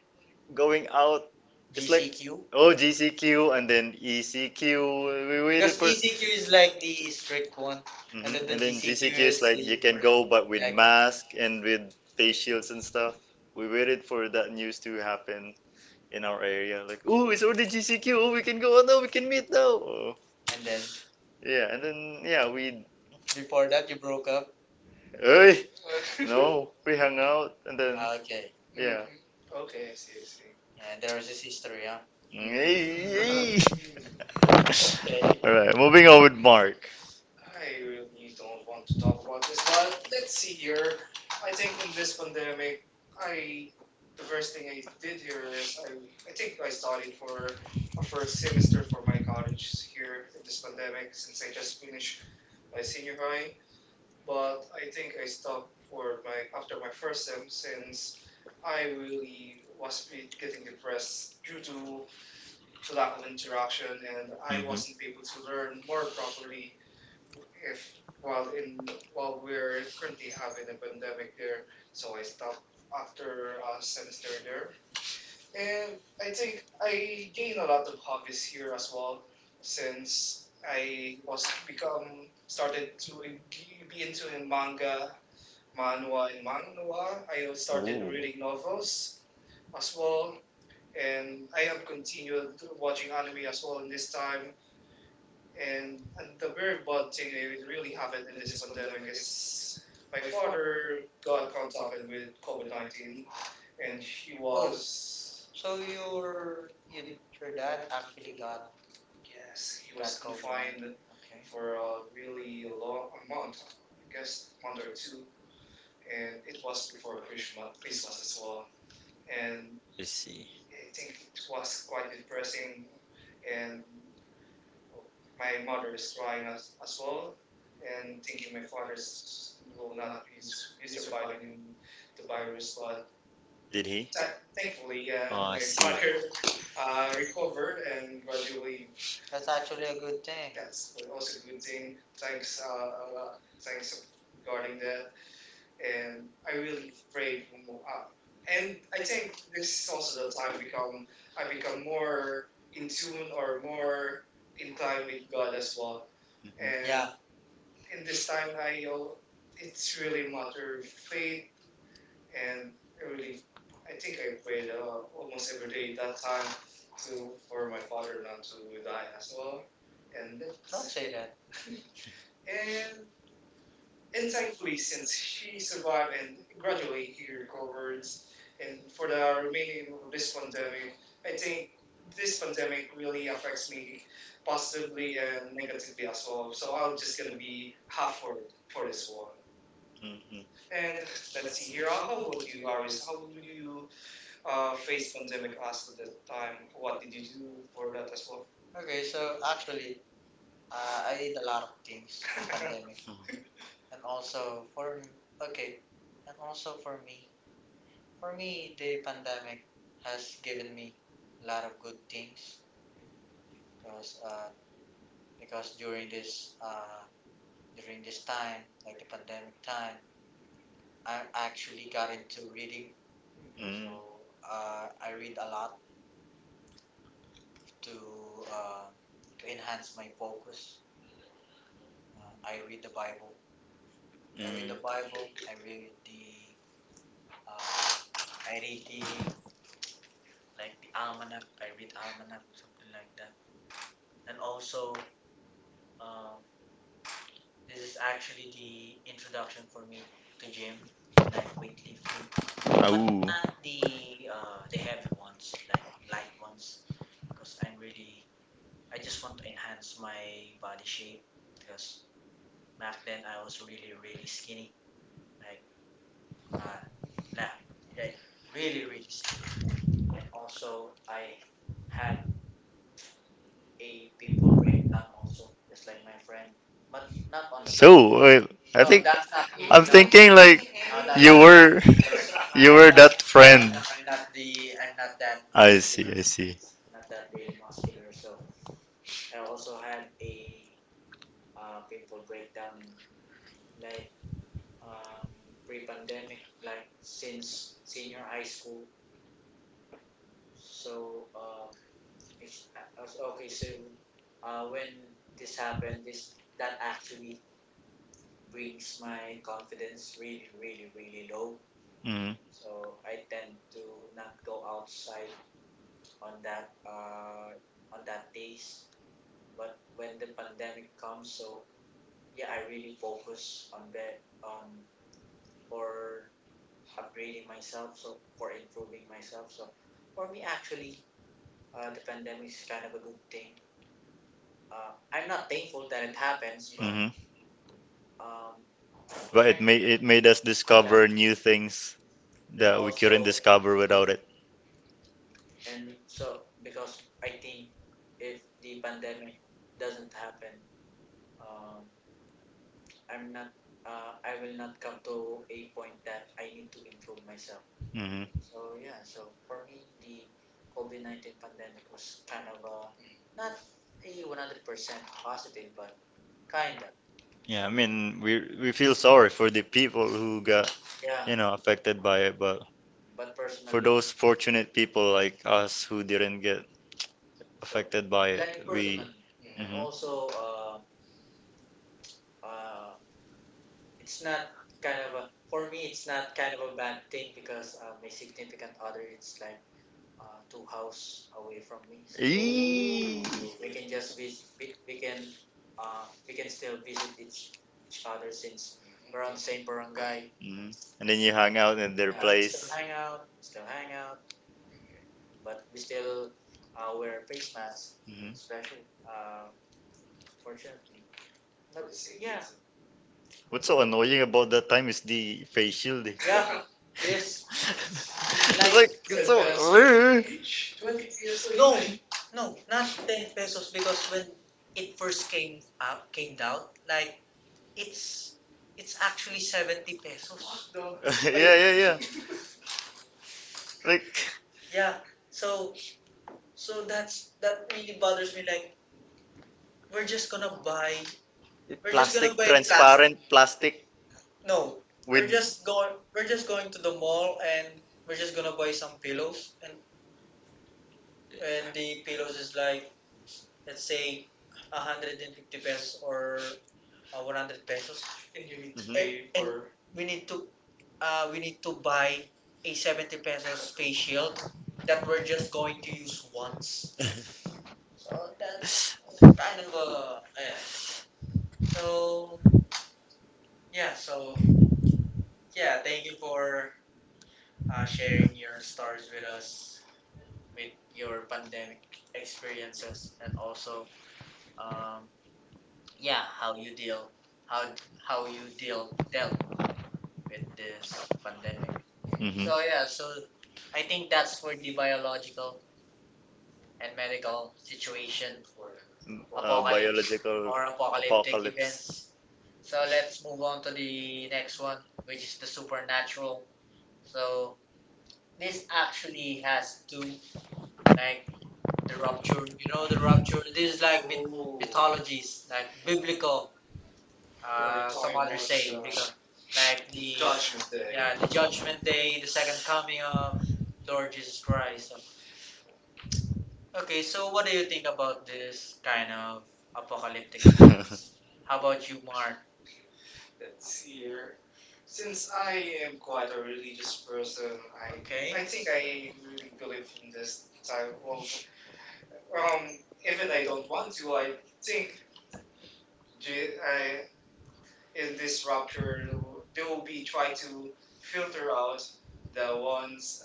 [SPEAKER 2] going out is like,
[SPEAKER 1] C Q.
[SPEAKER 2] oh, G C Q and then E C Q. We waited for,
[SPEAKER 1] C Q is like the strict one.
[SPEAKER 2] mhm, and then like you can go but with mask and with face shields and stuff. We waited for that news to happen in our area. Like, oh, it's already G C Q. Oh, we can go out now. We can meet now. Oh,
[SPEAKER 1] And then
[SPEAKER 2] yeah, and then, yeah, we.
[SPEAKER 1] before that you broke up.
[SPEAKER 2] Hey. No, we hung out and then
[SPEAKER 1] Okay.
[SPEAKER 2] yeah.
[SPEAKER 1] Okay, I see, I see. Yeah, there is this history, huh?
[SPEAKER 2] Hey, hey.
[SPEAKER 1] Okay.
[SPEAKER 2] All right, moving on with Mark.
[SPEAKER 1] I really don't want to talk about this, but let's see here. I think in this pandemic, I the first thing I did here is I I think I studied for a first semester for my college here in this pandemic since I just finished my senior high. But I think I stopped for my after my first sem since I really was be- getting depressed due to the lack of interaction, and I wasn't able
[SPEAKER 2] Mhm.
[SPEAKER 1] to learn more properly if while in while we're currently having a pandemic there, so I stopped after a semester there. And I think I gained a lot of hobbies here as well, since I was become started to be be into in manga, manhwa, and manhwa. I also started reading novels as well, and I have continued watching anime as well in this time. And, and the very bad thing that really happened in this pandemic is my father got contacted with COVID nineteen, and he was, Oh. So your you, your dad actually got yes, he was confined. Okay. For a really long, a month, I guess, month or two, and it was before Christmas, Christmas as well. And
[SPEAKER 2] I see.
[SPEAKER 1] I think it was quite depressing, and my mother is crying as, as well and thinking my father is, will not be, s- be surviving the virus, but
[SPEAKER 2] Did he?
[SPEAKER 1] tha- thankfully, uh,
[SPEAKER 2] Oh, I
[SPEAKER 1] my mother
[SPEAKER 2] see.
[SPEAKER 1] uh, recovered and gradually. That's actually a good thing. That's also a good thing, thanks uh, a lot- thanks regarding that. And I really prayed for more, uh, and I think this is also the time become I become more in tune or more in time with God as well. And yeah,
[SPEAKER 2] Mhm.
[SPEAKER 1] in this time, I al- it's really a matter of faith, and I really, I think I prayed uh, almost every day that time to for my father not to die as well. And don't, that's, say that. and and thankfully, since she survived and gradually he recovered, and for the remaining of this pandemic, I think this pandemic really affects me positively and negatively as well. So I'm just gonna be halfway for this one.
[SPEAKER 2] Mm-hmm.
[SPEAKER 1] And let's see here. How how about you, Aris? How do you uh, face pandemic as of that time? What did you do for that as well? Okay, so actually, uh, I did a lot of things in pandemic. And also for okay, and also for me, for me the pandemic has given me a lot of good things, because uh, because during this uh, during this time, like the pandemic time, I actually got into reading. So uh, I read a
[SPEAKER 2] I
[SPEAKER 1] lot to uh, to enhance my focus. uh, I read the Bible,
[SPEAKER 2] read.
[SPEAKER 1] I read the
[SPEAKER 2] Mm.
[SPEAKER 1] Bible, I read the uh, I read the like the almanac. I read almanac, something like that. And also, um, this is actually the introduction for me to gym, like weightlifting.
[SPEAKER 2] Ah.
[SPEAKER 1] Not
[SPEAKER 2] Ooh.
[SPEAKER 1] the uh, the heavy ones, like light ones, because I'm really I just want to enhance my body shape, because back then I was really really skinny, like uh, nah, like really really skinny. And also I had a pimple also, just like my friend. But not on
[SPEAKER 2] So uh, I No, think me.
[SPEAKER 1] that's not
[SPEAKER 2] I'm thinking like No, that's you, not me. Were you I'm were not. That friend.
[SPEAKER 1] not the I'm
[SPEAKER 2] I'm not,
[SPEAKER 1] not that
[SPEAKER 2] I the see, I see.
[SPEAKER 1] not that really muscular. So I also had a uh, pimple breakdown in like um, pre-pandemic, like since senior high school. So um, it's, I okay, so uh, when this happened, this that actually brings my confidence really, really, really low.
[SPEAKER 2] Mm.
[SPEAKER 1] So I tend to not go outside on that uh, on that days. But when the pandemic comes, so yeah, I really focus on that on for upgrading myself. So for improving myself. So for me, actually, uh, the pandemic is kind of a good thing. Uh, I'm not thankful that it happens,
[SPEAKER 2] Know.
[SPEAKER 1] but
[SPEAKER 2] Hmm
[SPEAKER 1] um,
[SPEAKER 2] But it made, it made us discover new things that we couldn't discover without it.
[SPEAKER 1] and so because I think if the pandemic doesn't happen, um, I'm not uh, I will not come to a point that I need to improve myself.
[SPEAKER 2] Hmm
[SPEAKER 1] So yeah, so for me the COVID nineteen pandemic was kind of a not a one hundred percent positive but kinda.
[SPEAKER 2] Yeah, I mean, we we feel sorry for the people who got, you know, affected by it, but
[SPEAKER 1] But person
[SPEAKER 2] for those fortunate people like us who didn't get affected by it,
[SPEAKER 1] like personally,
[SPEAKER 2] we.
[SPEAKER 1] mm-hmm.
[SPEAKER 2] Personally, I
[SPEAKER 1] And also
[SPEAKER 2] hmm
[SPEAKER 1] uh, uh, it's not kind of a for me it's not kind of a bad thing, because uh, my significant other it's like uh, two house away from me. We can just visit, we, we can uh, we can still visit each, each other since we're on the same barangay.
[SPEAKER 2] Mhm. And then you hang out in their
[SPEAKER 1] Still
[SPEAKER 2] place.
[SPEAKER 1] hang out, still hang out, but we still uh, wear face masks,
[SPEAKER 2] Hmm
[SPEAKER 1] especially uh, fortunately. But yeah,
[SPEAKER 2] What's so annoying about that time is the face shielding.
[SPEAKER 1] yes,
[SPEAKER 2] It's like it's so.
[SPEAKER 1] Twenty pesos. No, no, not ten pesos, because when it first came out, came out, like it's it's actually seventy pesos. The
[SPEAKER 2] Yeah, yeah, yeah, like
[SPEAKER 1] yeah. So so that's that really bothers me. Like we're just gonna buy
[SPEAKER 2] plastic, transparent plastic
[SPEAKER 1] no,
[SPEAKER 2] with
[SPEAKER 1] just go, we're just going to the mall and we're just gonna buy some pillows, and and the pillows is like let's say one hundred fifty pesos or uh, one hundred pesos. And you need to pay, and-
[SPEAKER 2] Mhm.
[SPEAKER 1] for and we need to uh, we need to buy a seventy pesos face shield that we're just going to use once. So that's kind of a eh. So yeah, so yeah, thank you for uh, sharing your stories with us with your pandemic experiences and also um, yeah, how you deal how how you deal dealt with this pandemic.
[SPEAKER 2] Mhm.
[SPEAKER 1] So yeah, so I think that's for the biological and medical situation
[SPEAKER 2] Uh, biological
[SPEAKER 1] or apocalypse.
[SPEAKER 2] apocalypse.
[SPEAKER 1] So let's move on to the next one, which is the supernatural. So this actually has two like the rapture. You know the rapture. This is like myth- mythologies, like biblical. Uh, some others say because like the Judgment Day. Yeah, the judgment day, the second coming of Lord Jesus Christ. So, okay, so what do you think about this kind of apocalyptic? How about you, Mark? Let's see here. Since I am quite a religious person, I okay. I think I really believe in this type of. Um, even I don't want to. I think Je- I in this rapture, they will be try to filter out the ones.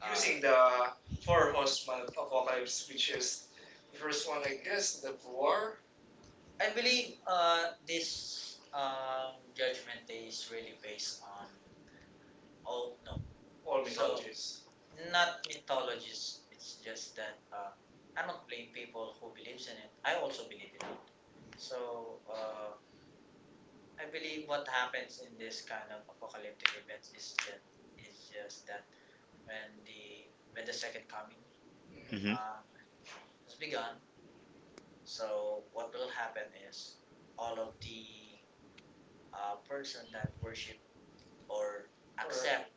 [SPEAKER 1] Uh, using the four horsemen of apocalypse, which is the first one, I guess, the poor. I believe uh, this um, judgment day is really based on oh no, all So- mythologies. So, not mythologies. It's just that uh, I don't blame people who believes in it. I also believe in it. So uh, I believe what happens in this kind of apocalyptic events is that is just that when the when the second coming
[SPEAKER 2] hmm
[SPEAKER 1] uh, has begun, so what will happen is all of the uh, person that worship or accept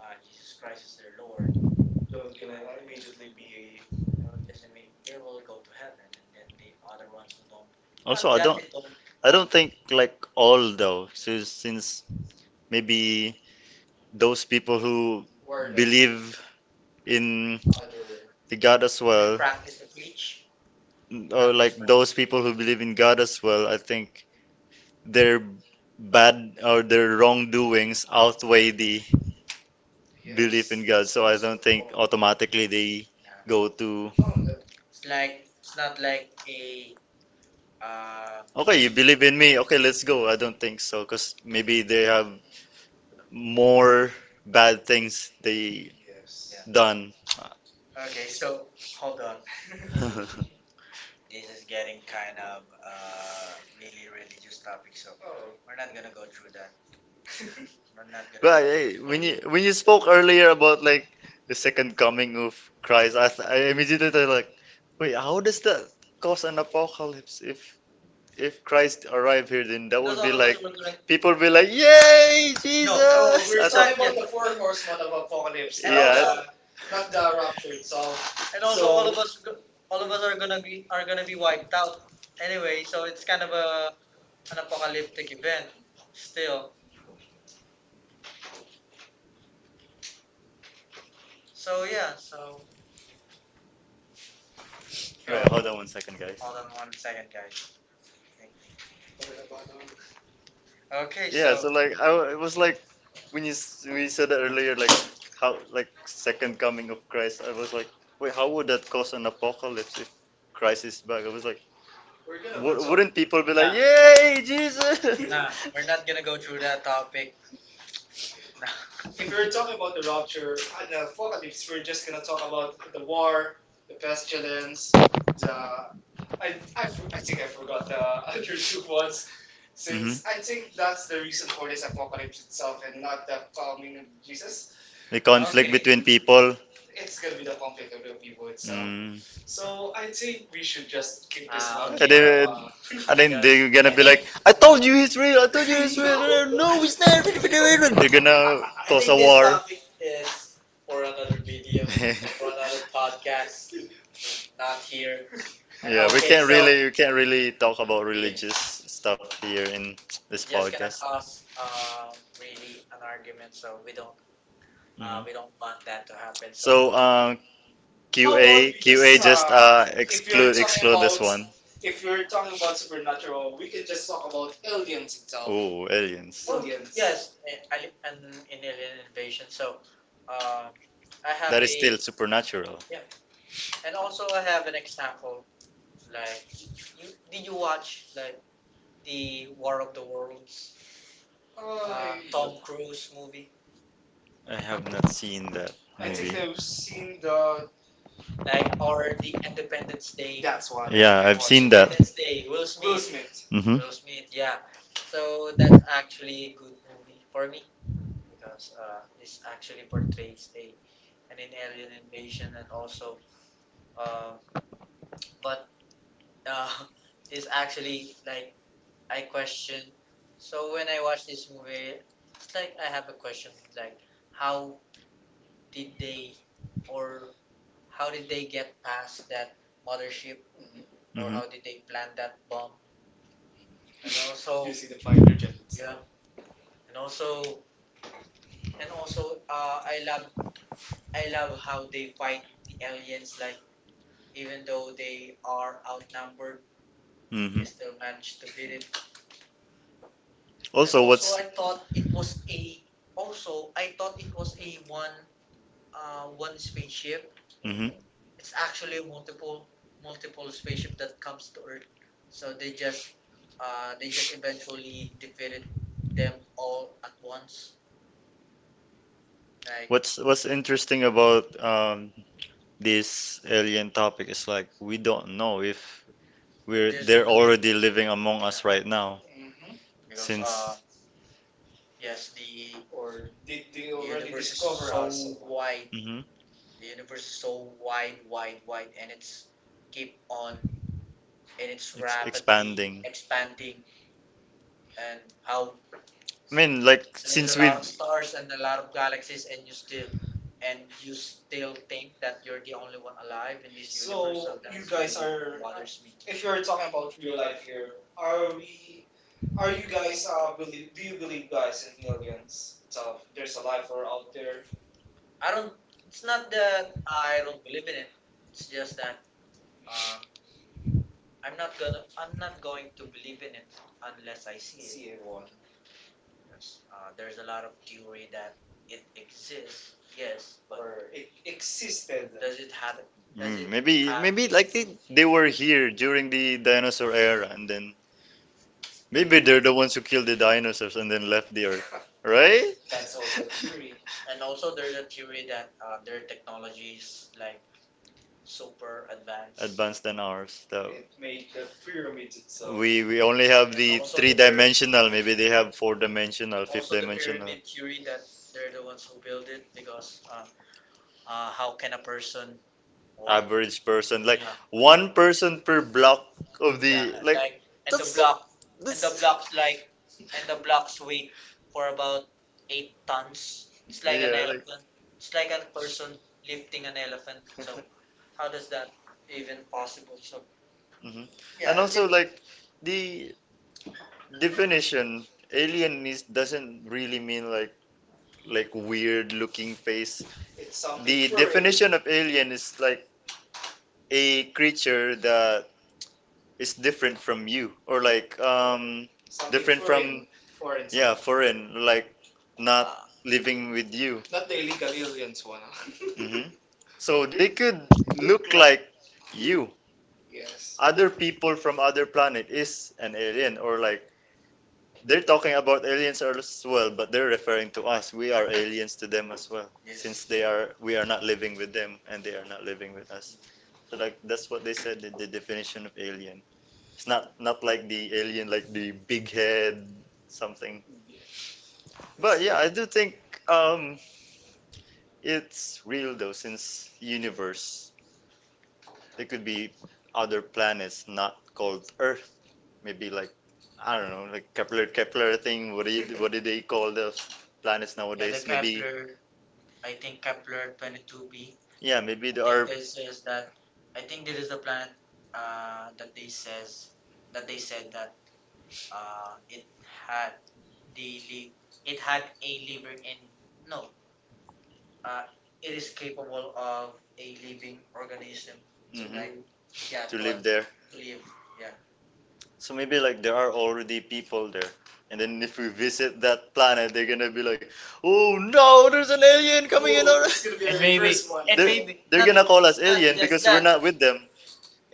[SPEAKER 1] uh, Jesus Christ as their Lord, that will immediately be they will just imme- they will go to heaven, and then the other ones who don't,
[SPEAKER 2] Also, I
[SPEAKER 1] they
[SPEAKER 2] don't
[SPEAKER 1] don't
[SPEAKER 2] I don't think like all though, since, since maybe those people who believe in the God as well,
[SPEAKER 1] practice and preach,
[SPEAKER 2] or like those people who believe in God as well, I think their bad or their wrongdoings outweigh the belief in God. So I don't think automatically they go to,
[SPEAKER 1] it's like it's not like a uh
[SPEAKER 2] okay, you believe in me, okay, let's go. I don't think so, because maybe they have more bad things they done.
[SPEAKER 1] okay, so hold on. This is getting kind of uh really religious topic, so we're not gonna go through that. We're not
[SPEAKER 2] Right. eh, When you when you spoke earlier about like the second coming of Christ, I, th- I immediately thought like, wait, how does that cause an apocalypse? If if Christ arrived here, then that would be
[SPEAKER 1] We're
[SPEAKER 2] like
[SPEAKER 1] gonna-
[SPEAKER 2] people will be like, yay,
[SPEAKER 1] no,
[SPEAKER 2] Jesus!
[SPEAKER 1] we're
[SPEAKER 2] I
[SPEAKER 1] it's
[SPEAKER 2] thought,
[SPEAKER 1] talking not about yet. The four horsemen of apocalypse, also-
[SPEAKER 2] yeah.
[SPEAKER 1] the not the rapture itself. And of us go- all of us are gonna be are gonna be wiped out anyway, so it's kind of a an apocalyptic event still. So yeah, so
[SPEAKER 2] Right. Hold on one second, guys.
[SPEAKER 1] hold on one second, guys. Okay.
[SPEAKER 2] Yeah, so like I w- it was like when you s- when you said that earlier, like how like second coming of Christ, I was like, wait, how would that cause an apocalypse if Christ is back? I was like,
[SPEAKER 1] We're gonna vote.
[SPEAKER 2] w- wouldn't people be like, yay, Jesus?
[SPEAKER 1] We're not gonna go through that topic. Nah. If we were talking about the rapture and the apocalypse, we're just gonna talk about the war, the pestilence. The, I, I, I think I forgot the other two ones, since I think that's the reason for this apocalypse itself and not the coming of Jesus.
[SPEAKER 2] The Uh, conflict it, between people.
[SPEAKER 1] It's gonna be the conflict of the people itself.
[SPEAKER 2] Mm.
[SPEAKER 1] So I think we should just keep this Uh,
[SPEAKER 2] Uh, and then they're I told you he's real, I told
[SPEAKER 1] one.
[SPEAKER 2] he's not.
[SPEAKER 1] I
[SPEAKER 2] They're I- gonna I-
[SPEAKER 1] think
[SPEAKER 2] I
[SPEAKER 1] it's for another video, for another podcast, not here.
[SPEAKER 2] Yeah, we can't really we can't really talk about religious stuff here in this
[SPEAKER 1] It's gonna
[SPEAKER 2] podcast.
[SPEAKER 1] cause uh, really an argument, so we don't uh,
[SPEAKER 2] Mhm.
[SPEAKER 1] we don't want that to happen.
[SPEAKER 2] So, um, Q A Q A just uh exclude exclude this one.
[SPEAKER 1] If you're talking about supernatural, we can just talk about aliens itself.
[SPEAKER 2] Oh, aliens.
[SPEAKER 1] Oh. Aliens. Yes, I- I- an an alien invasion. So, uh, I have
[SPEAKER 2] That is still supernatural.
[SPEAKER 1] yeah, and also I have an example. Like, you did you watch like the War of the Worlds, uh, I, Tom Cruise movie,
[SPEAKER 2] I have not seen that
[SPEAKER 1] I
[SPEAKER 2] movie.
[SPEAKER 1] think I've seen the. Like or the Independence Day? That's one.
[SPEAKER 2] Yeah, I've seen that.
[SPEAKER 1] Day, Will Will Smith. Will Smith.
[SPEAKER 2] Mm-hmm.
[SPEAKER 1] Will Smith, yeah. So that's actually a good movie for me because uh, this actually portrays a an alien invasion and also um, but uh, is actually like I question. So when I watch this movie, it's like I have a question like how did they or how did they get past that mothership or
[SPEAKER 2] Mm-hmm.
[SPEAKER 1] how did they plant that bomb? And also yeah. And also and also uh, I love I love how they fight the aliens like even though they are outnumbered, they
[SPEAKER 2] hmm
[SPEAKER 1] still manage to beat it. So
[SPEAKER 2] Also,
[SPEAKER 1] I
[SPEAKER 2] what's
[SPEAKER 1] thought it was a Also, I thought it was a one uh, one spaceship.
[SPEAKER 2] hmm
[SPEAKER 1] It's actually multiple multiple spaceship that comes to Earth. So they just uh, they just eventually defeated them all at once. Like,
[SPEAKER 2] What's what's interesting about um, this alien topic is like we don't know if we're they're already living among us right now
[SPEAKER 1] uh,
[SPEAKER 2] since
[SPEAKER 1] yes, the, or did they already, the universe is discover so us wide.
[SPEAKER 2] hmm
[SPEAKER 1] The universe is so wide, wide, wide, and it's keep on, and it's ra-
[SPEAKER 2] expanding.
[SPEAKER 1] expanding. And how
[SPEAKER 2] I mean, like since we
[SPEAKER 1] stars and a lot of galaxies, and you still and you still think that you're the only one alive in this. So, universe. So you, that's, guys really are- what bothers me. If you're talking about real life here, are we? Are you guys uh believe? Do you believe, guys, in aliens? So there's a life or out there. I don't. It's not that I don't believe in it. It's just that, um, I'm not gonna. I'm not going to believe in it unless I see it. See one. Uh, there's a lot of theory that it exists, yes, but or it existed, does it have that?
[SPEAKER 2] Mm, maybe maybe like they, they were here during the dinosaur era and then maybe they're the ones who killed the dinosaurs and then left the earth, right?
[SPEAKER 1] That's also theory. And also, there's a theory that uh, their technology is like super advanced.
[SPEAKER 2] advanced than ours. So
[SPEAKER 1] It made the pyramid itself.
[SPEAKER 2] we we only have the three dimensional. Maybe they have four dimensional, fifth dimensional.
[SPEAKER 1] Pyramid theory that they're the ones who build it because, uh, uh, how can a person,
[SPEAKER 2] Average person, like
[SPEAKER 1] uh,
[SPEAKER 2] yeah, one person per block of the yeah, like.
[SPEAKER 1] like,
[SPEAKER 2] Like
[SPEAKER 1] and the
[SPEAKER 2] That's so.
[SPEAKER 1] block and the
[SPEAKER 2] This.
[SPEAKER 1] blocks like and the blocks weight for about eight tons. It's like
[SPEAKER 2] Yeah, like.
[SPEAKER 1] elephant. It's like a person lifting an elephant. So how does that even possible? So
[SPEAKER 2] Mhm. And yeah also like the definition alien is doesn't really mean like like weird looking face.
[SPEAKER 1] it's some
[SPEAKER 2] The definition of alien is like a creature that is different from you or like um different from
[SPEAKER 1] for
[SPEAKER 2] yeah foreign like not living with you
[SPEAKER 1] not really the millions one.
[SPEAKER 2] hmm so they could look like you
[SPEAKER 1] Yes.
[SPEAKER 2] other people from other planet is an alien or like they're talking about aliens as well but they're referring to us we are aliens to them as well. Yeah. Since they are we are not living with them and they are not living with us so like that's what they said in the definition of alien. It's not not like the alien, like the big head something. But yeah, I do think um, it's real though, since universe there could be other planets not called Earth. Maybe like I don't know, like Kepler Kepler thing. What do you, what do they call the planets nowadays? Maybe
[SPEAKER 1] I think Kepler twenty-two b
[SPEAKER 2] yeah, maybe there are
[SPEAKER 1] says that. I think this is the planet, uh, that they says that they said that, uh, it had, the li- it had a living in, no, uh, it is capable of a living organism to,
[SPEAKER 2] mhm,
[SPEAKER 1] like, yeah, to
[SPEAKER 2] to live there.
[SPEAKER 1] live, yeah.
[SPEAKER 2] So maybe like there are already people there. And then if we visit that planet, they're gonna be like, "Oh no,
[SPEAKER 1] No.
[SPEAKER 2] there's an alien coming in!" Our...
[SPEAKER 1] And maybe,
[SPEAKER 2] They're they're gonna call us alien because we're not with them.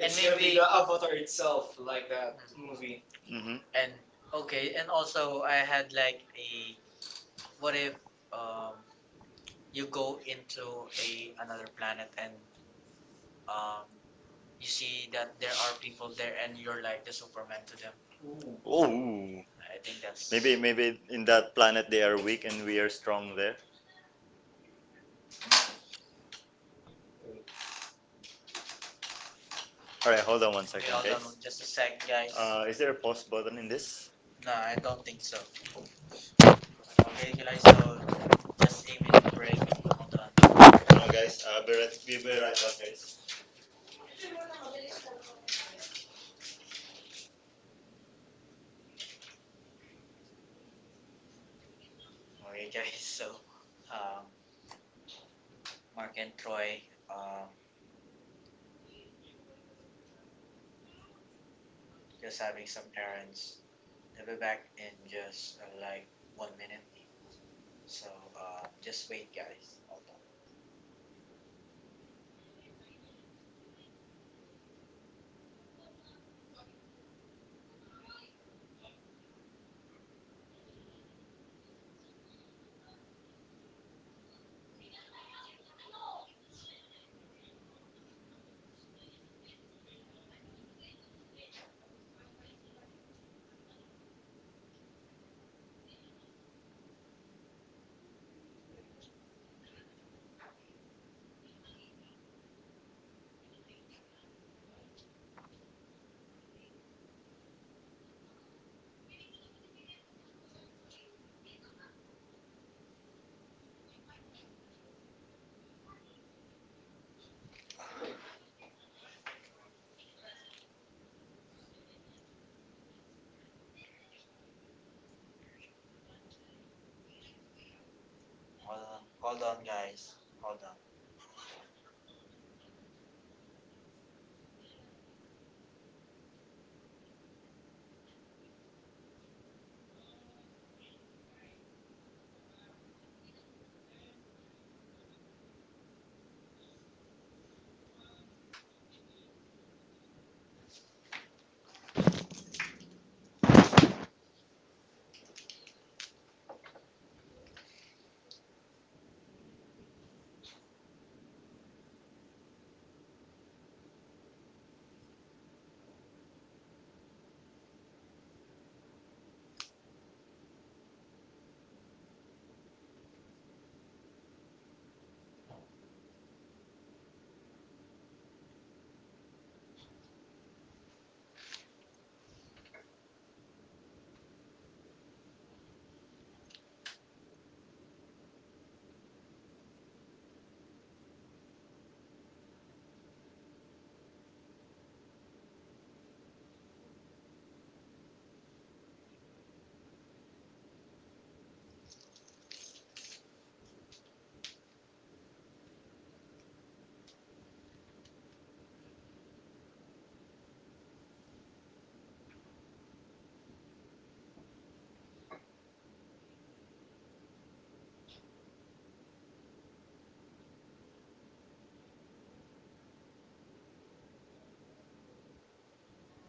[SPEAKER 1] and maybe, mm,
[SPEAKER 2] Hmm
[SPEAKER 1] and okay, and also I had like a, what if, um you go into a another planet and um you see that there are people there and you're like the Superman to them.
[SPEAKER 2] Oh,
[SPEAKER 1] I think that's
[SPEAKER 2] maybe maybe in that planet they are weak and we are strong there. All right, hold on one second, guys.
[SPEAKER 1] just a sec, guys.
[SPEAKER 2] Uh, is there a pause button in this?
[SPEAKER 1] Nah, I don't think so. Okay, guys, so a minute break. Hold on.
[SPEAKER 2] No, guys. Uh, be right, we'll be right back, guys.
[SPEAKER 1] Alright, guys. So, um, Mark and Troy, um, just having some errands. They'll be back in just, uh, like, one minute. So, um, just wait, guys. Hold on. Hold on. Hold on, guys. Hold on.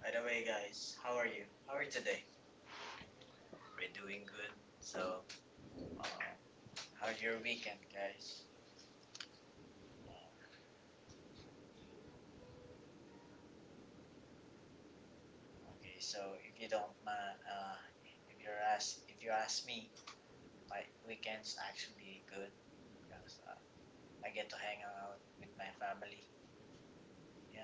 [SPEAKER 1] By the way, guys, how are you? How are you today? We're doing good. So, um, How's your weekend, guys? Uh, okay. So, if you don't mind, uh, if you're ask, if you ask me, my weekend's actually good because, uh, I get to hang out with my family. Yeah.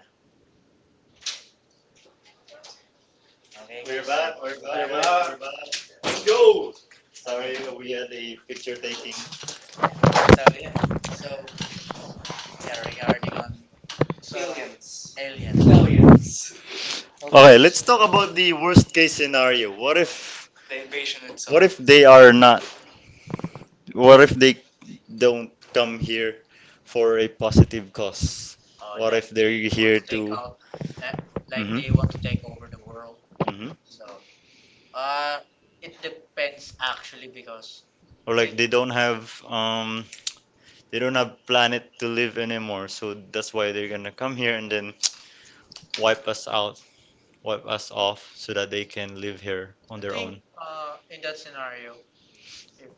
[SPEAKER 1] Okay.
[SPEAKER 2] We're back. We're back. We're back. Sorry, we had a picture taking.
[SPEAKER 1] So yeah, regarding on, so, Aliens. aliens Aliens.
[SPEAKER 2] Okay, let's talk about the worst case scenario. What if
[SPEAKER 1] Okay.
[SPEAKER 2] what if they are not? What if they don't come here for a positive cause?
[SPEAKER 1] Uh,
[SPEAKER 2] What if they're here Take
[SPEAKER 1] Take
[SPEAKER 2] to out
[SPEAKER 1] out that,
[SPEAKER 2] that, like.
[SPEAKER 1] like they want to take
[SPEAKER 2] Mhm.
[SPEAKER 1] over the world.
[SPEAKER 2] Mhm.
[SPEAKER 1] So, uh, it depends actually because,
[SPEAKER 2] Or like they don't have um they don't have planet to live anymore, so that's why they're gonna come here and then wipe us out, wipe us off so that they can live here on I their think own.
[SPEAKER 1] uh, in that scenario, if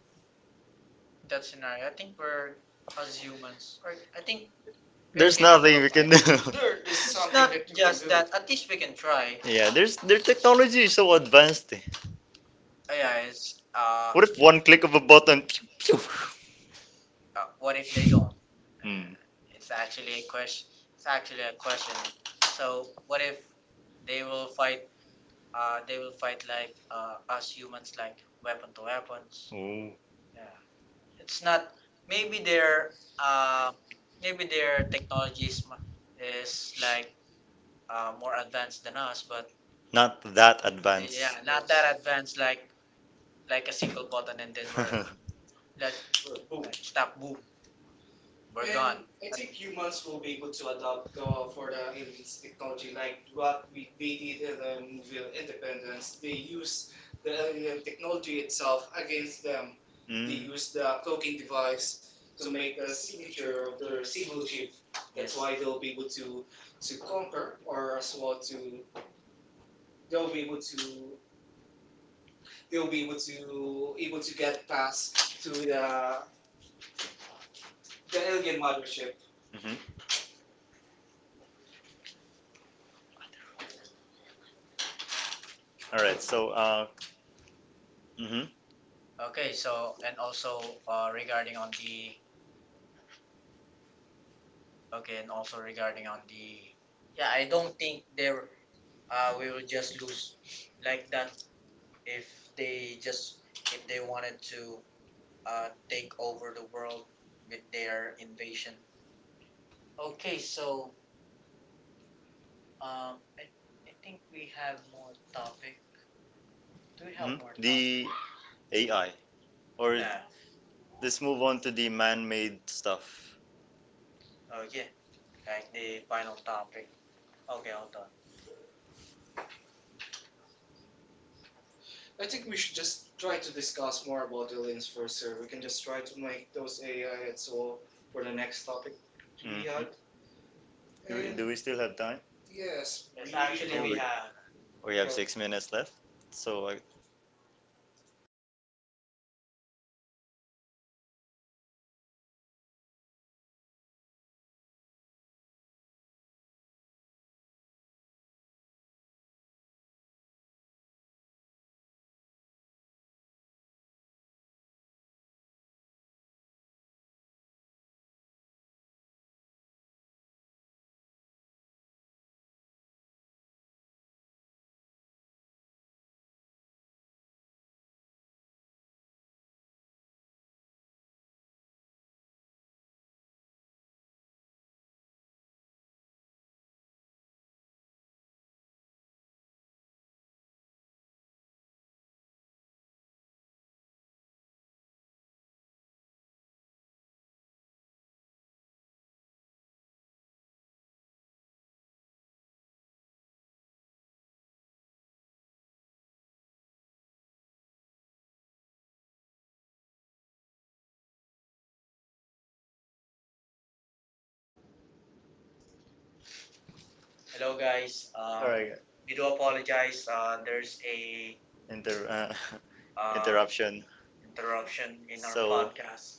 [SPEAKER 1] that scenario, I think we're as humans, right? I think
[SPEAKER 2] I There's think nothing we can do.
[SPEAKER 1] it's not just that. At least we can try.
[SPEAKER 2] Yeah, there's their technology is so advanced. Eh.
[SPEAKER 1] Uh, yeah,
[SPEAKER 2] Ayan.
[SPEAKER 1] it's,
[SPEAKER 2] Ah,
[SPEAKER 1] uh,
[SPEAKER 2] what if one click of a button? Pew, pew.
[SPEAKER 1] uh, what if they don't? Uh,
[SPEAKER 2] Hmm.
[SPEAKER 1] it's actually a question. It's actually a question. So what if they will fight? Uh, they will fight like, uh, us humans, like weapon to weapons.
[SPEAKER 2] Ooh,
[SPEAKER 1] Yeah, it's not. Maybe their uh, Maybe their technologies is, like, uh, more advanced than us, but
[SPEAKER 2] not that
[SPEAKER 1] yeah,
[SPEAKER 2] advanced, yeah.
[SPEAKER 1] not that advanced. Like like a single button and then, let, boom, stop, boom. We're gone. I think humans will be able to adapt, uh, for the aliens technology, like what we they did in the movie of Independence. They use the alien technology itself against them. They
[SPEAKER 2] mm.
[SPEAKER 1] use the cloaking device to make the signature of their single chip. That's, yes, why they'll be able to to conquer, or as well to, they'll be able to they'll be able to able to get past to the the alien mothership.
[SPEAKER 2] All right. So, uh, hmm
[SPEAKER 1] Okay, so, and also, uh, regarding on the, okay, and also regarding on the, yeah, I don't think there, uh, we will just lose like that, if they just if they wanted to, uh, take over the world with their invasion. Okay, so, um, I, I think we have more topic. Do we have?
[SPEAKER 2] hmm the A I, or yeah,
[SPEAKER 1] Yeah,
[SPEAKER 2] let's move on to the man-made stuff.
[SPEAKER 1] oh yeah, like the final topic. Okay, hold on. I think we should just try to discuss more about the lens first, sir. We can just try to make those A I and so on for the next topic to
[SPEAKER 2] Do we Mhm.
[SPEAKER 1] be had.
[SPEAKER 2] Have Do, we, do we still have time?
[SPEAKER 1] Yes.
[SPEAKER 2] We
[SPEAKER 1] Yes, actually,
[SPEAKER 2] Yeah,
[SPEAKER 1] we
[SPEAKER 2] we, have.
[SPEAKER 1] have.
[SPEAKER 2] We have six minutes left. So, uh,
[SPEAKER 1] Hello,
[SPEAKER 2] hello.
[SPEAKER 1] guys.
[SPEAKER 2] All uh,
[SPEAKER 1] Uh,
[SPEAKER 2] right.
[SPEAKER 1] we do apologize. Uh, there's a,
[SPEAKER 2] Inter uh, uh,
[SPEAKER 1] uh,
[SPEAKER 2] interruption.
[SPEAKER 1] interruption in
[SPEAKER 2] So,
[SPEAKER 1] podcast.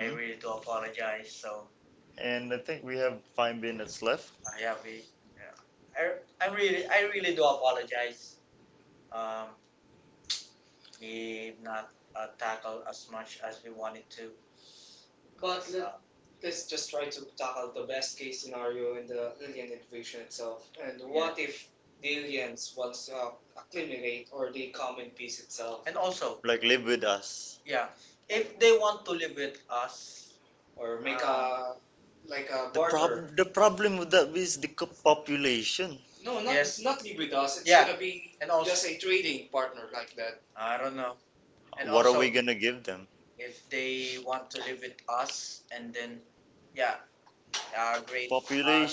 [SPEAKER 1] I really do apologize. So
[SPEAKER 2] And I think we have five minutes left.
[SPEAKER 1] I have a, yeah. I, I really, I really do apologize. Um, we've not, uh, tackled as much as we wanted to. But let, Uh, let's just try to tackle the best case scenario in the alien invasion itself. And, yeah, what, yeah, if the aliens once, uh, acclimate, or they come in peace itself, and also,
[SPEAKER 2] Like, live with us.
[SPEAKER 1] yeah, if they want to live with us, or make, ah, a, like, a
[SPEAKER 2] The
[SPEAKER 1] barter?
[SPEAKER 2] problem, the problem with that is the co- population.
[SPEAKER 1] No, not, yes, not live with us. It's, yeah, gonna be, and also, just also, a trading partner like that. I don't know,
[SPEAKER 2] What are we gonna give them?
[SPEAKER 1] if they want to live with us, and then, yeah,
[SPEAKER 2] Population.
[SPEAKER 1] agree.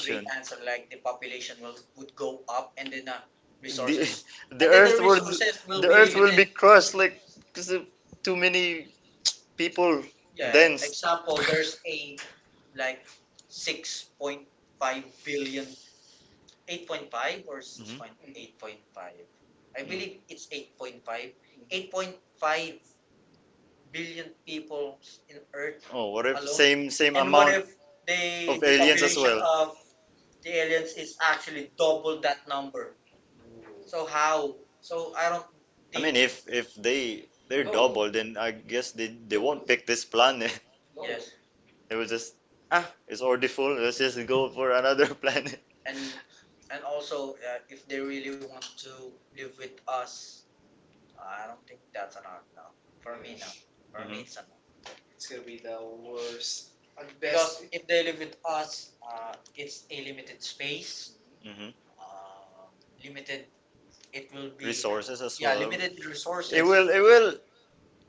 [SPEAKER 1] Great
[SPEAKER 2] Population.
[SPEAKER 1] answer, like the population will would go up and then, uh, resources.
[SPEAKER 2] The, resources. The whatever earth will,
[SPEAKER 1] For
[SPEAKER 2] the earth be- will be crushed like because of too many people dense.
[SPEAKER 1] example, there's a like six point five billion, eight point five, or
[SPEAKER 2] Mhm.
[SPEAKER 1] six point eight.5. I believe it's eight point five. eight point five billion people in Earth.
[SPEAKER 2] Oh, what if same same amount?
[SPEAKER 1] If
[SPEAKER 2] If
[SPEAKER 1] they
[SPEAKER 2] of aliens as
[SPEAKER 1] uh,
[SPEAKER 2] well.
[SPEAKER 1] the aliens is actually double that number. So how? So I don't.
[SPEAKER 2] I mean, if if they they're double, then I guess they they won't pick this planet.
[SPEAKER 1] Yes,
[SPEAKER 2] They will just ah, it's already full. Let's just go for another planet.
[SPEAKER 1] and And also, uh, if they really want to live with us, I don't think that's an art now. For me, no. Yes. For me, it's
[SPEAKER 2] Hmm
[SPEAKER 1] a no. It's gonna be the worst. At best. Because if they live with us, uh, it's a limited space,
[SPEAKER 2] hmm
[SPEAKER 1] uh, limited. It will be
[SPEAKER 2] Resources as well.
[SPEAKER 1] limited
[SPEAKER 2] It
[SPEAKER 1] resource.
[SPEAKER 2] resources. Will it will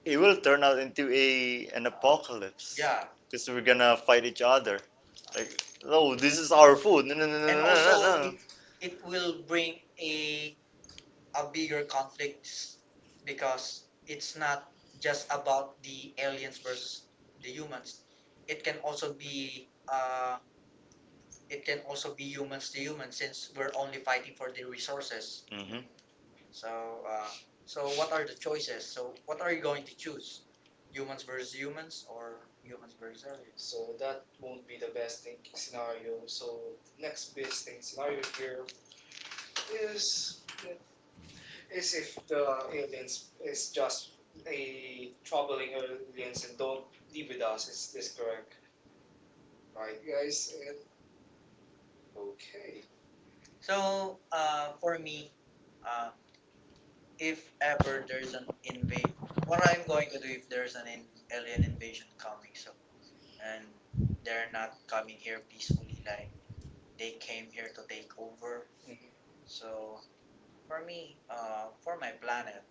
[SPEAKER 2] it will turn out into a an apocalypse.
[SPEAKER 1] Yeah,
[SPEAKER 2] Because we're gonna fight each other. Like, no, this is our food. No, no, no, no, no, also, no,
[SPEAKER 1] it will bring a a bigger conflicts because it's not just about the aliens versus the humans. It can also be uh, it can also be humans to humans since we're only fighting for the resources.
[SPEAKER 2] no. hmm
[SPEAKER 1] So, uh, so what are the choices? So, what are you going to choose? Humans versus humans or humans versus aliens? So that won't be the best thing scenario. So next best thing scenario here is is if the aliens is just a troubling aliens and don't be with us. Is this correct? Right, guys. And- okay. So, uh, for me, uh, if ever there's an invade, what I'm going to do if there's an in- alien invasion coming, so, and they're not coming here peacefully, like they came here to take over. Mm-hmm. So, for me, uh, for my planet,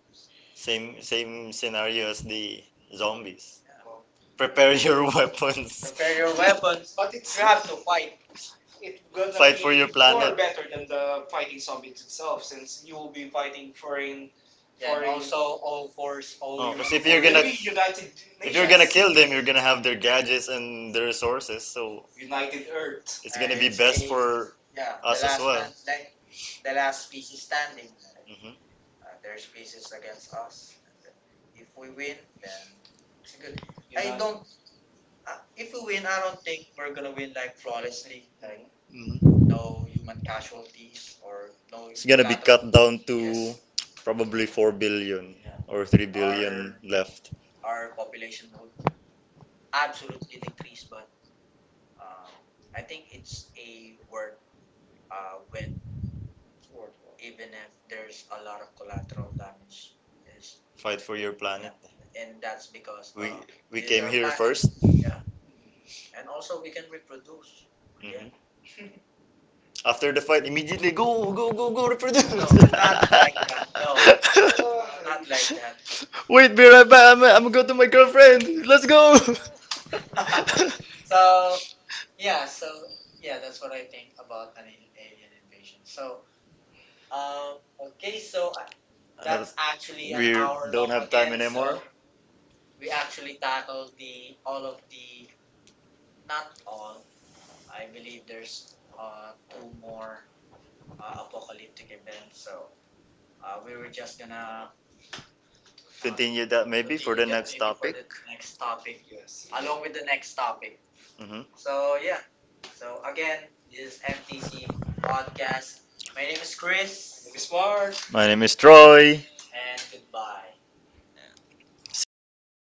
[SPEAKER 2] Same same scenario as the zombies.
[SPEAKER 1] yeah, well,
[SPEAKER 2] Prepare your weapons.
[SPEAKER 1] prepare
[SPEAKER 2] Prepare
[SPEAKER 1] your
[SPEAKER 2] your
[SPEAKER 1] weapons. But it's, you have to fight, it's gonna
[SPEAKER 2] fight for your planet.
[SPEAKER 1] better than the fighting zombies itself, since you will be fighting foreign. Yeah, and foreign- also all force, all
[SPEAKER 2] Oh, 'cause if you're
[SPEAKER 1] United
[SPEAKER 2] gonna- If you're gonna Nations.
[SPEAKER 1] Nations,
[SPEAKER 2] Kill them, you're gonna have their gadgets and their resources, so
[SPEAKER 1] United Earth.
[SPEAKER 2] it's gonna be And best see, for.
[SPEAKER 1] Yeah,
[SPEAKER 2] Us as well.
[SPEAKER 1] and like the last species standing, like, uh, their species against us. And if we win, then it's good. You, I, united- don't. Uh, if we win, I don't think we're gonna win like flawlessly. Like
[SPEAKER 2] Mhm.
[SPEAKER 1] no human casualties, or no,
[SPEAKER 2] It's gonna be cattle. Cut down to probably four billion or three billion Or left.
[SPEAKER 1] our population will absolutely decreased, but, um, I think it's a word, uh, when, even if there's a lot of collateral damage, is,
[SPEAKER 2] Fight for your planet.
[SPEAKER 1] and that's because, uh,
[SPEAKER 2] We we came human here first.
[SPEAKER 1] yeah, and also we can reproduce again.
[SPEAKER 2] Mhm. After the fight, immediately go, go, go, go, reproduce.
[SPEAKER 1] Not like that. No. Not like that.
[SPEAKER 2] Wait, be right back. I'm, I'm going to my girlfriend. Let's go.
[SPEAKER 1] So yeah, so yeah, that's what I think about an alien invasion. So, um, okay, so, uh,
[SPEAKER 2] Uh,
[SPEAKER 1] that's actually,
[SPEAKER 2] we don't have time anymore.
[SPEAKER 1] so we actually tackled the all of the, not all, I believe there's, uh, two more, uh, apocalyptic events. So, uh, we were just gonna
[SPEAKER 2] Continue that maybe for the next
[SPEAKER 1] put
[SPEAKER 2] topic.
[SPEAKER 1] the next topic, yes, along with the next topic.
[SPEAKER 2] Mhm.
[SPEAKER 1] So yeah. So again, this is M T C podcast. My name is Chris, maybe smart,
[SPEAKER 2] My name is Troy.
[SPEAKER 1] and goodbye.
[SPEAKER 2] See you.